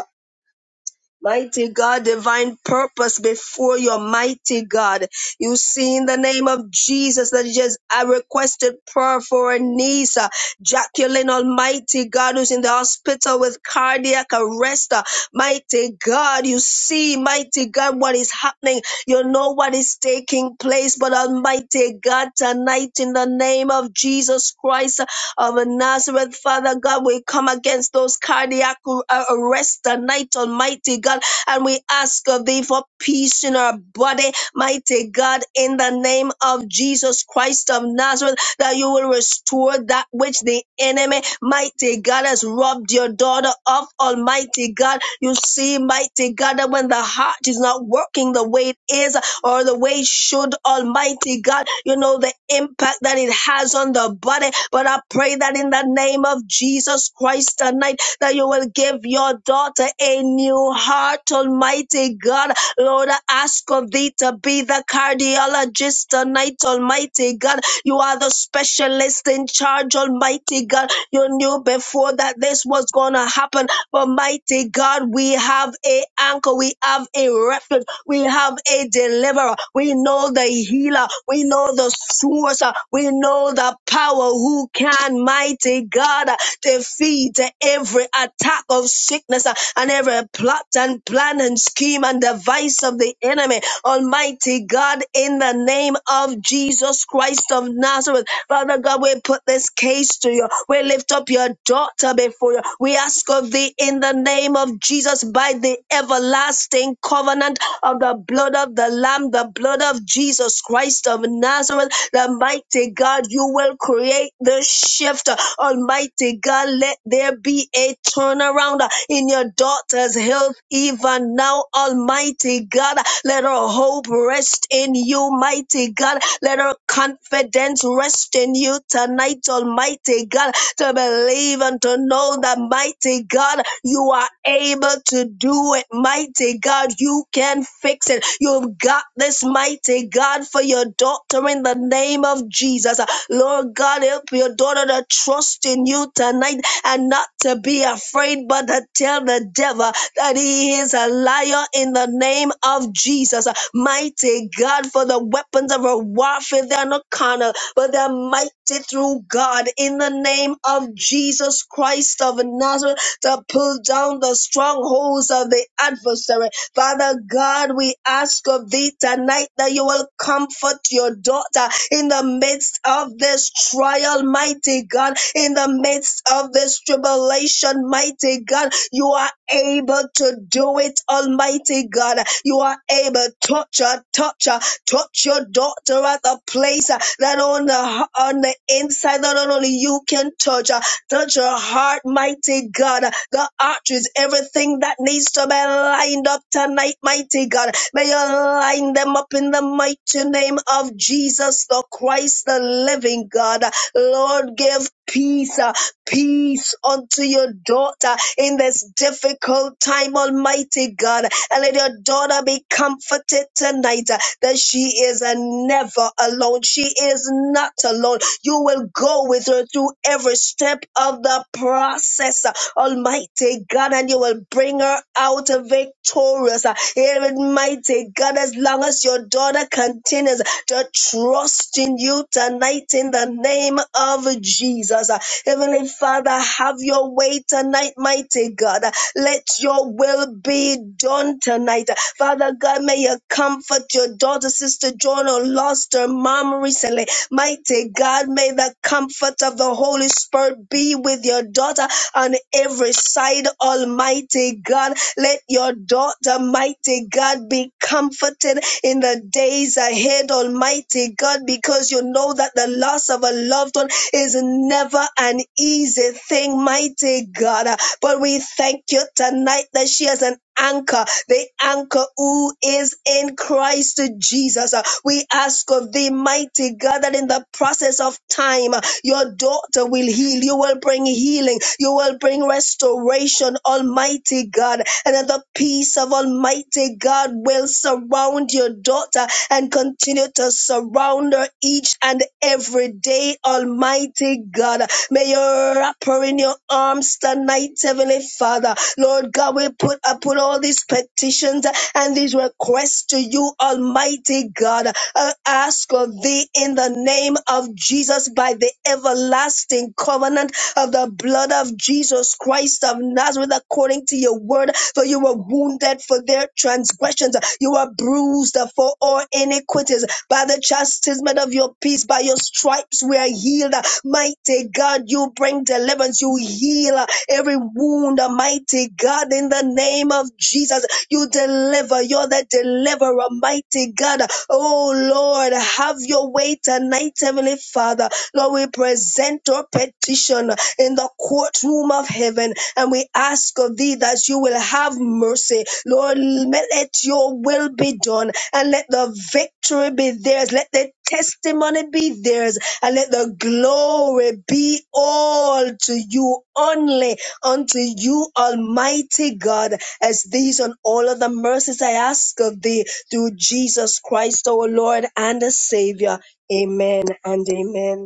F: Mighty God, divine purpose before your mighty God. You see, in the name of Jesus, that just I requested prayer for a niece, uh, Jacqueline Almighty God, who's in the hospital with cardiac arrest. uh, Mighty God, you see, mighty God, what is happening. You know what is taking place, but Almighty God, tonight, in the name of Jesus Christ, of Nazareth, Father God. We come against those cardiac uh, arrests tonight, Almighty God, and we ask of thee for peace in our body, mighty God, in the name of Jesus Christ of Nazareth, that you will restore that which the enemy, mighty God, has robbed your daughter of, Almighty God. You see, mighty God, that when the heart is not working the way it is, or the way it should, Almighty God, you know, the impact that it has on the body. But I pray that in the name of Jesus Christ tonight, that you will give your daughter a new heart, Almighty God. Lord, I ask of thee to be the cardiologist tonight, Almighty God. You are the specialist in charge, Almighty God. You knew before that this was going to happen. But mighty God, we have a anchor, we have a refuge. We have a deliverer. We know the healer. We know the source. We know the power who can, mighty God, defeat every attack of sickness and every plot and plan and scheme and device of the enemy. Almighty God, in the name of Jesus Christ of Nazareth, Father God, we put this case to you. We lift up your daughter before you. We ask of thee in the name of Jesus by the everlasting everlasting covenant of the blood of the Lamb, the blood of Jesus Christ of Nazareth, the mighty God, you will create the shift. Almighty God, let there be a turnaround in your daughter's health even now, Almighty God. Let her hope rest in you, mighty God. Let her confidence rest in you tonight, Almighty God, to believe and to know that, mighty God, you are able to do it, mighty God. You can fix it. You've got this, mighty God, for your daughter in the name of Jesus. Lord God, help your daughter to trust in you tonight and not to be afraid, but to tell the devil that he is a liar in the name of Jesus. Mighty God, for the weapons of a warfare, they're not carnal, but they're mighty through God in the name of Jesus Christ of Nazareth to pull down the strongholds of the adversary. Father God, we ask of thee tonight that you will comfort your daughter in the midst of this trial, mighty God, in the midst of this tribulation, mighty God. You are able to do it, Almighty God. You are able, to touch her, touch her Touch your daughter at the place uh, that on the on the inside that not only you can touch. uh, Touch her heart, mighty God. Uh, The arteries, everything that needs to be lined up tonight, mighty God. May you line them up in the mighty name of Jesus the Christ, the living God. Lord, give peace, uh, peace unto your daughter in this difficult time, Almighty God. And let your daughter be comforted tonight uh, that she is uh, never alone. She is not alone. You will go with her through every step of the process, uh, Almighty God, and you will bring her out victorious. uh, Even mighty God, as long as your daughter continues to trust in you tonight in the name of Jesus. Heavenly Father, have your way tonight, mighty God. Let your will be done tonight. Father God, may you comfort your daughter, Sister Joan, who lost her mom recently. Mighty God, may the comfort of the Holy Spirit be with your daughter on every side, Almighty God. Let your daughter, mighty God, be comforted in the days ahead, Almighty God, because you know that the loss of a loved one is never an easy thing, mighty God. But we thank you tonight that she has an anchor, the anchor who is in Christ Jesus. Uh, We ask of thee, mighty God, that in the process of time, uh, your daughter will heal. You will bring healing. You will bring restoration, Almighty God. And that the peace of Almighty God will surround your daughter and continue to surround her each and every day, Almighty God. May you wrap her in your arms tonight, Heavenly Father. Lord God, we put I put all these petitions and these requests to you, Almighty God. I ask of thee in the name of Jesus by the everlasting covenant of the blood of Jesus Christ of Nazareth, according to your word. For you were wounded for their transgressions, you were bruised for all iniquities. By the chastisement of your peace, by your stripes we are healed. Mighty God, you bring deliverance. You heal uh, every wound. uh, Mighty God, in the name of Jesus, you deliver. You're the deliverer, mighty God. Oh Lord, have your way tonight, Heavenly Father. Lord, we present our petition in the courtroom of heaven and we ask of thee that you will have mercy. Lord, let let your will be done and let the victory be theirs. Let the testimony be theirs and let the glory be all to you only unto you almighty god as these and all of the mercies i ask of thee through jesus christ our lord and savior amen and amen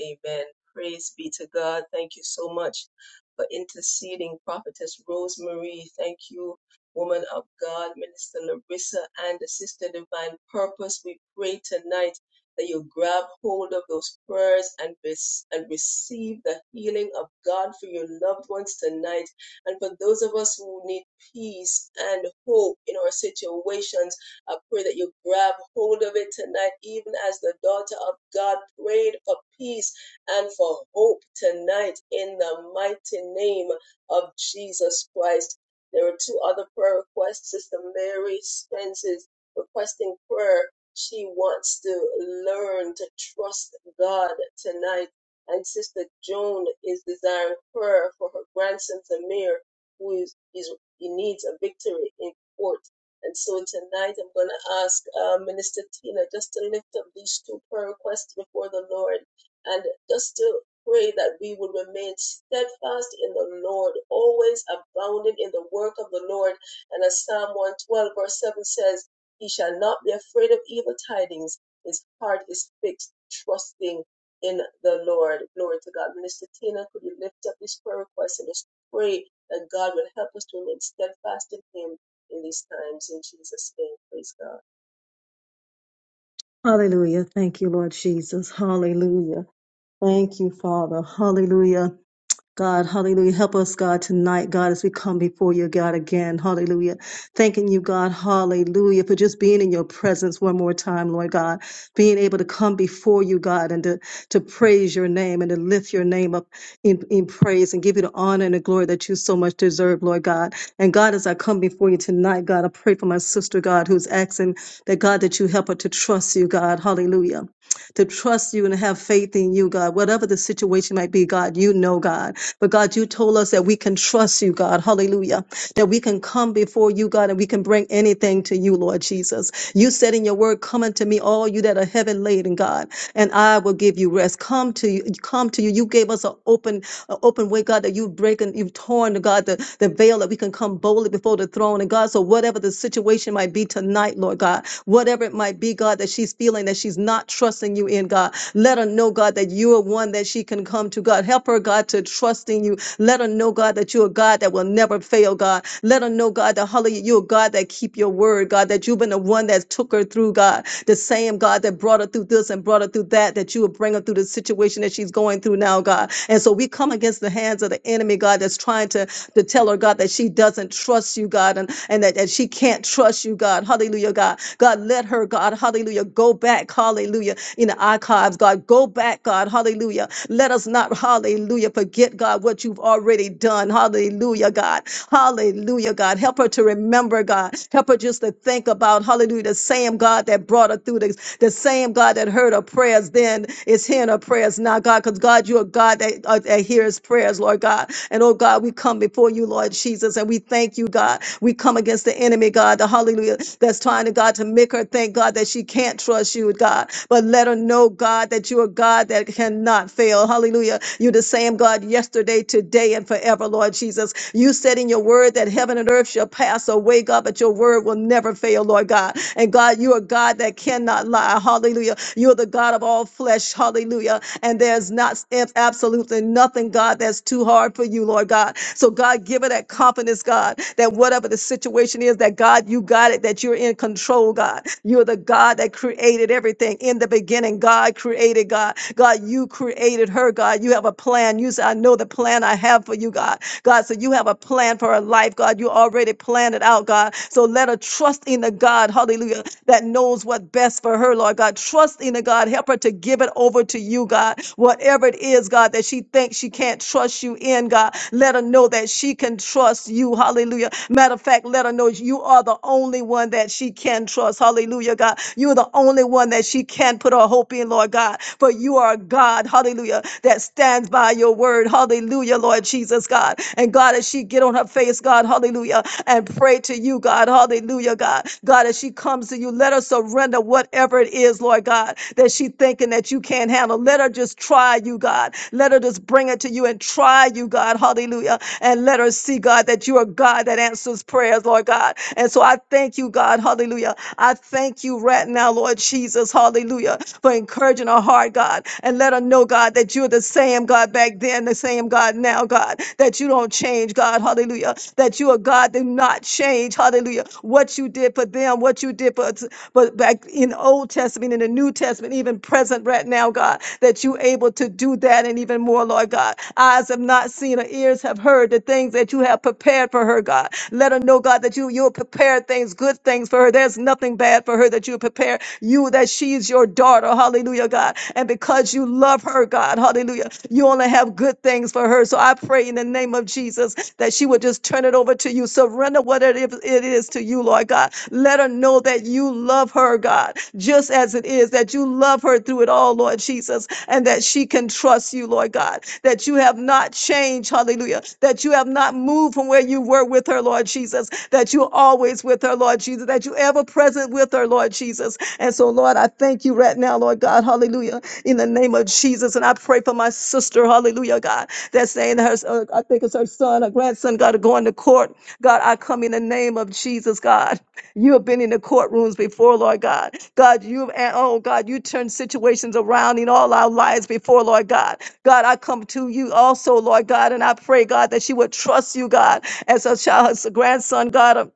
C: Amen. Praise be to God. Thank you so much for interceding, Prophetess Rosemary. Thank you, woman of God, Minister Larissa, and the Sister Divine Purpose. We pray tonight that you grab hold of those prayers and, res- and receive the healing of God for your loved ones tonight. And for those of us who need peace and hope in our situations, I pray that you grab hold of it tonight, even as the daughter of God prayed for peace and for hope tonight in the mighty name of Jesus Christ. There are two other prayer requests. Sister Mary Spence is requesting prayer. She wants to learn to trust God tonight. And Sister Joan is desiring prayer for her grandson Samir, who is, is he needs a victory in court and so tonight I'm going to ask uh, Minister Tina just to lift up these two prayer requests before the Lord and just to pray that we would remain steadfast in the Lord, always abounding in the work of the Lord. And as Psalm 112, verse 7 says, He shall not be afraid of evil tidings. His heart is fixed, trusting in the Lord. Glory to God. Minister Tina, could you lift up these prayer requests and just pray that God will help us to remain steadfast in Him? in these times. In Jesus' name, praise God.
G: Hallelujah. Thank you, Lord Jesus. Hallelujah. Thank you, Father. Hallelujah. God, hallelujah. Help us, God, tonight, God, as we come before you, God, again. Hallelujah. Thanking you, God, hallelujah, for just being in your presence one more time, Lord God. Being able to come before you, God, and to, to praise your name and to lift your name up in, in praise and give you the honor and the glory that you so much deserve, Lord God. And God, as I come before you tonight, God, I pray for my sister, God, who's asking that, God, that you help her to trust you, God. Hallelujah to trust you and have faith in you, God. Whatever the situation might be, God, you know, God. But God, you told us that we can trust you, God. Hallelujah. That we can come before you, God, and we can bring anything to you, Lord Jesus. You said in your word, come unto me, all you that are heavy laden, God, and I will give you rest. Come to you, come to you. You gave us an open, an open way, God, that you've broken, you've torn, God, the, the veil that we can come boldly before the throne. And God, so whatever the situation might be tonight, Lord God, whatever it might be be, God, that she's feeling that she's not trusting you in, God. Let her know, God, that you are one that she can come to, God. Help her, God, to trust in you. Let her know, God, that you're a God that will never fail, God. Let her know, God, that hallelujah, you're a God that keep your word, God, that you've been the one that took her through, God. The same God that brought her through this and brought her through that, that you will bring her through the situation that she's going through now, God. And so we come against the hands of the enemy, God, that's trying to to tell her, God, that she doesn't trust you, God, and, and that, that she can't trust you, God you, God. Hallelujah, God. God, let her, God. Hallelujah. Go back. Hallelujah. In the archives, God. Go back, God. Hallelujah. Let us not, hallelujah, forget, God, what you've already done. Hallelujah, God. Hallelujah, God. Help her to remember, God. Help her just to think about, hallelujah, the same God that brought her through this, the same God that heard her prayers then is hearing her prayers now, God, because God, you're a God that, uh, that hears prayers, Lord God. And oh, God, we come before you, Lord Jesus, and we thank you, God. God. We come against the enemy, God, the hallelujah that's trying to, God, to make her think, God, that she can't trust you, God. But let her know, God, that you are God that cannot fail. Hallelujah. You're the same God yesterday, today, and forever, Lord Jesus. You said in your word that heaven and earth shall pass away, God, but your word will never fail, Lord God. And God, you are God that cannot lie. Hallelujah. You're the God of all flesh. Hallelujah. And there's not absolutely nothing, God, that's too hard for you, Lord God. So God, give her that confidence, God, that whatever the situation is, that God, you got it, that you're in control, God. You're the God that created everything in the beginning. God created God. God, you created her, God. You have a plan. You said, I know the plan I have for you, God. God, so you have a plan for her life, God. You already planned it out, God. So let her trust in the God, hallelujah, that knows what's best for her, Lord God. Trust in the God. Help her to give it over to you, God. Whatever it is, God, that she thinks she can't can't trust you in, God. Let her know that she can trust you. Hallelujah. Matter of fact, let her know you are the only one that she can trust. Hallelujah, God. You're the only one that she can put her hope in, Lord God. For you are a God, hallelujah, that stands by your word. Hallelujah, Lord Jesus, God. And God, as she get on her face, God, hallelujah, and pray to you, God. Hallelujah, God. God, as she comes to you, let her surrender whatever it is, Lord God, that she thinking that you can't handle. Let her just trust try you, God. Let her just bring it to you and try you, God. Hallelujah. And let her see, God, that you are God that answers prayers, Lord God. And so I thank you, God. Hallelujah. I thank you right now, Lord Jesus. Hallelujah. For encouraging her heart, God. And let her know, God, that you're the same God back then, the same God now, God. That you don't change, God. Hallelujah. That you are God, do not change. Hallelujah. What you did for them, what you did for us, but back in Old Testament, in the New Testament, even present right now, God, that you able to do that and even more, Lord God. Eyes have not seen or ears have heard the things that you have prepared for her, God. Let her know, God, that you you'll prepare things, good things for her. There's nothing bad for her that you prepare. You that she's your daughter, hallelujah, God. And because you love her, God, hallelujah, you only have good things for her. So I pray in the name of Jesus that she would just turn it over to you. Surrender what it is it is to you, Lord God. Let her know that you love her, her, God, just as it is, that you love her through it all, Lord Jesus, and that she can trust you, Lord God, that you have not changed, hallelujah, that you have not moved from where you were with her, Lord Jesus, that you're always with her, Lord Jesus, that you're ever present with her, Lord Jesus. And so, Lord, I thank you right now, Lord God, hallelujah, in the name of Jesus. And I pray for my sister, hallelujah, God, that's saying her, uh, I think it's her son, her grandson, God, are going to court. God, I come in the name of Jesus, God. You have been in the courtrooms before, Lord God. God, you've, and oh God, you turned situations around in all our lives before, Lord God. God, I come to you also, Lord God, and I pray, God, that she would trust you, God, as her child, as a grandson, God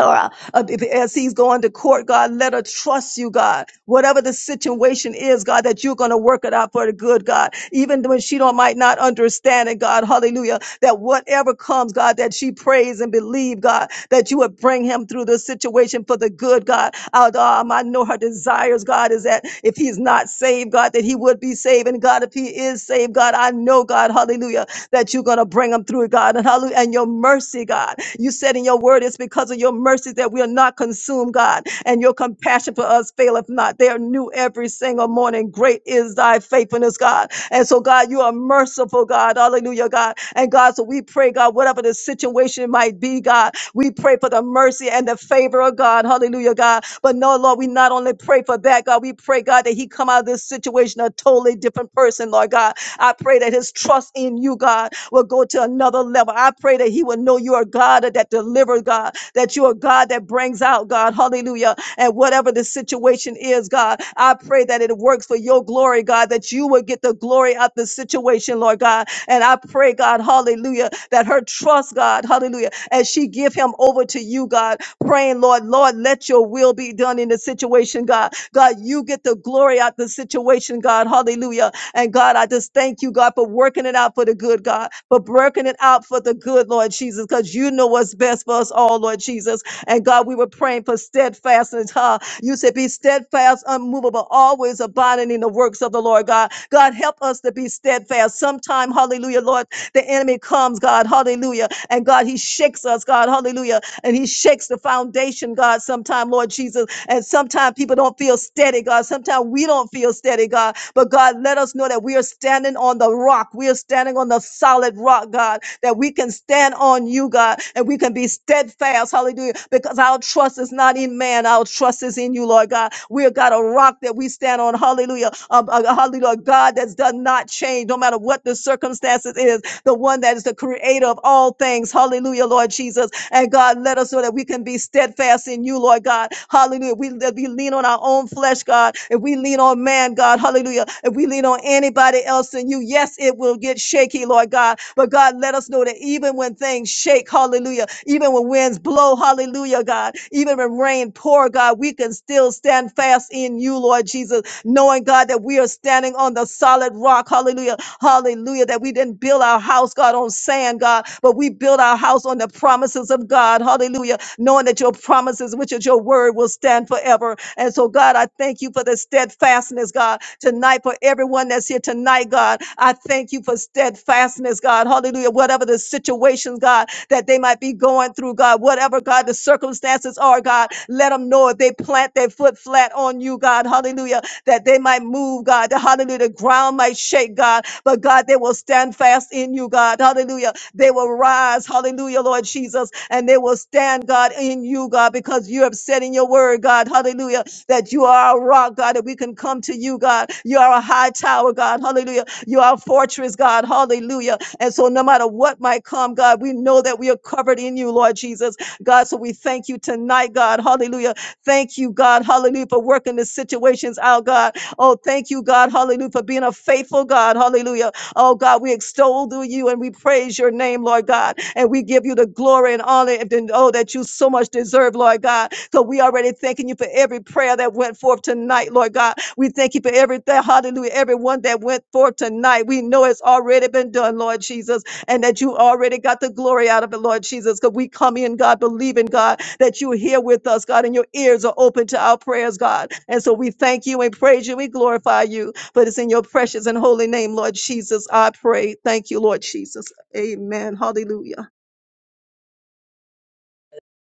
G: or uh, if- as he's going to court, God, let her trust you, God. Whatever the situation is, God, that you're going to work it out for the good, God. Even when she don't might not understand it, God, Hallelujah. That whatever comes, God, that she prays and believe, God, that you would bring him through the situation for the good, God. Out, um, I know her desires, God, is that if he's not saved, God, that he would be saved, and God, if he is saved, God, I know, God, Hallelujah, that you're going to bring him through Spirit, God, and hallelujah, and your mercy, God. You said in your word, it's because of your mercies that we are not consumed, God, and your compassion for us faileth not. They are new every single morning. Great is thy faithfulness, God. And so, God, you are merciful, God. Hallelujah, God. And God, so we pray, God, whatever the situation might be, God, we pray for the mercy and the favor of God. Hallelujah, God. But no, Lord, we not only pray for that, God, we pray, God, that he come out of this situation a totally different person person, Lord God. I pray that his trust in you, God, will go to another level. I pray that he will know you are God that delivers, God, that you are God that brings out, God. Hallelujah. And whatever the situation is, God, I pray that it works for your glory, God, that you will get the glory out the situation, Lord God. And I pray, God, hallelujah, that her trust, God, hallelujah, as she give him over to you, God, praying, Lord, Lord, let your will be done in the situation, God. God, you get the glory out the situation, God. Hallelujah. And God, I just thank you, God, for working it out for the good, God, for working it out for the good, Lord Jesus, because you know what's best for us all, Lord Jesus. And God, we were praying for steadfastness. Huh? You said, be steadfast, unmovable, always abiding in the works of the Lord, God. God, help us to be steadfast. Sometime, hallelujah, Lord, the enemy comes, God, hallelujah. And God, he shakes us, God, hallelujah. And he shakes the foundation, God. God, sometimes, Lord Jesus. And sometimes people don't feel steady, God. Sometimes we don't feel steady, God. But God, let us know that we are standing on the rock. We are standing on the solid rock, God, that we can stand on you, God, and we can be steadfast. Hallelujah. Because our trust is not in man, our trust is in you, Lord God. We have got a rock that we stand on. Hallelujah. Um, uh, hallelujah. God that does not change, no matter what the circumstances is the one that is the creator of all things. Hallelujah, Lord Jesus. And God, let us know that we can be steadfast in you, Lord God. Hallelujah. We, that we lean on our own flesh, God. If we lean on man, God, hallelujah. If we lean on anybody else than you, yes, it will get shaky, Lord God. But God, let us know that even when things shake, hallelujah, even when winds blow, hallelujah, God, even when rain pour, God, we can still stand fast in you, Lord Jesus, knowing, God, that we are standing on the solid rock, hallelujah Hallelujah. That we didn't build our house, God, on sand, God, but we built our house on the promises of God. Hallelujah. Knowing that your promises, which is your word, will stand forever. And so, God, I thank you for the steadfastness, God, tonight for everyone that's here tonight, God. I thank you for steadfastness, God. Hallelujah. Whatever the situation, God, that they might be going through, God, whatever, God, the circumstances are, God, let them know if they plant their foot flat on you, God. Hallelujah. That they might move, God. The Hallelujah. The ground might shake, God but God, they will stand fast in you, God. Hallelujah. They will rise. Hallelujah, Lord Jesus. And they will stand, God, in you, God, because you have said in your word, God. Hallelujah. That you are a rock, God, that we can come to you, God. You are a high tower, God. Hallelujah. You are a fortress, God. Hallelujah. And so no matter what might come, God, we know that we are covered in you, Lord Jesus. God, so we thank you tonight, God. Hallelujah. Thank you, God. Hallelujah. For working the situations out, God. Oh, thank you, God. Hallelujah. For being a faithful God. Hallelujah. Oh, God, we extol to you and we praise your name, Lord God. And we give you the glory and honor and oh, that you so much deserve, Lord God. So we already thanking you for every prayer that went forth tonight, Lord God. We thank you for everything. Hallelujah. Everyone that went forth tonight. We know it's already been done, Lord Jesus, and that you already got the glory out of it, Lord Jesus. Because we come in, God, believing, God, that you're here with us, God, and your ears are open to our prayers, God. And so we thank you and praise you. We glorify you. But it's in your precious and holy name, Lord Jesus, I pray. Thank you, Lord Jesus. Amen. Hallelujah.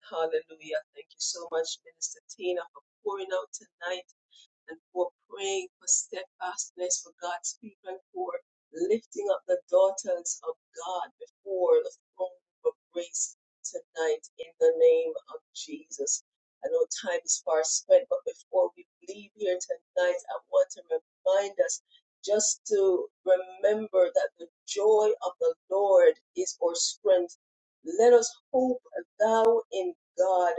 C: Hallelujah. Thank you so much, Minister Tina, for pouring out tonight. and for praying for steadfastness for God's people and for lifting up the daughters of God before the throne of grace tonight in the name of Jesus. I know time is far spent, but before we leave here tonight, I want to remind us just to remember that the joy of the Lord is our strength. Let us hope thou in God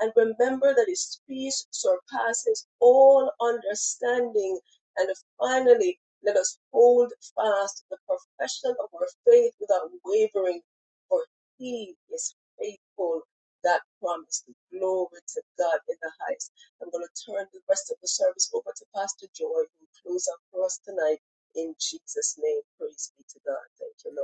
C: and remember that his peace surpasses all understanding. And finally, let us hold fast the profession of our faith without wavering, for he is faithful. That promise, glory to God in the highest. I'm going to turn the rest of the service over to Pastor Joy, who will close up for us tonight. In Jesus' name, praise be to God. Thank you, Lord.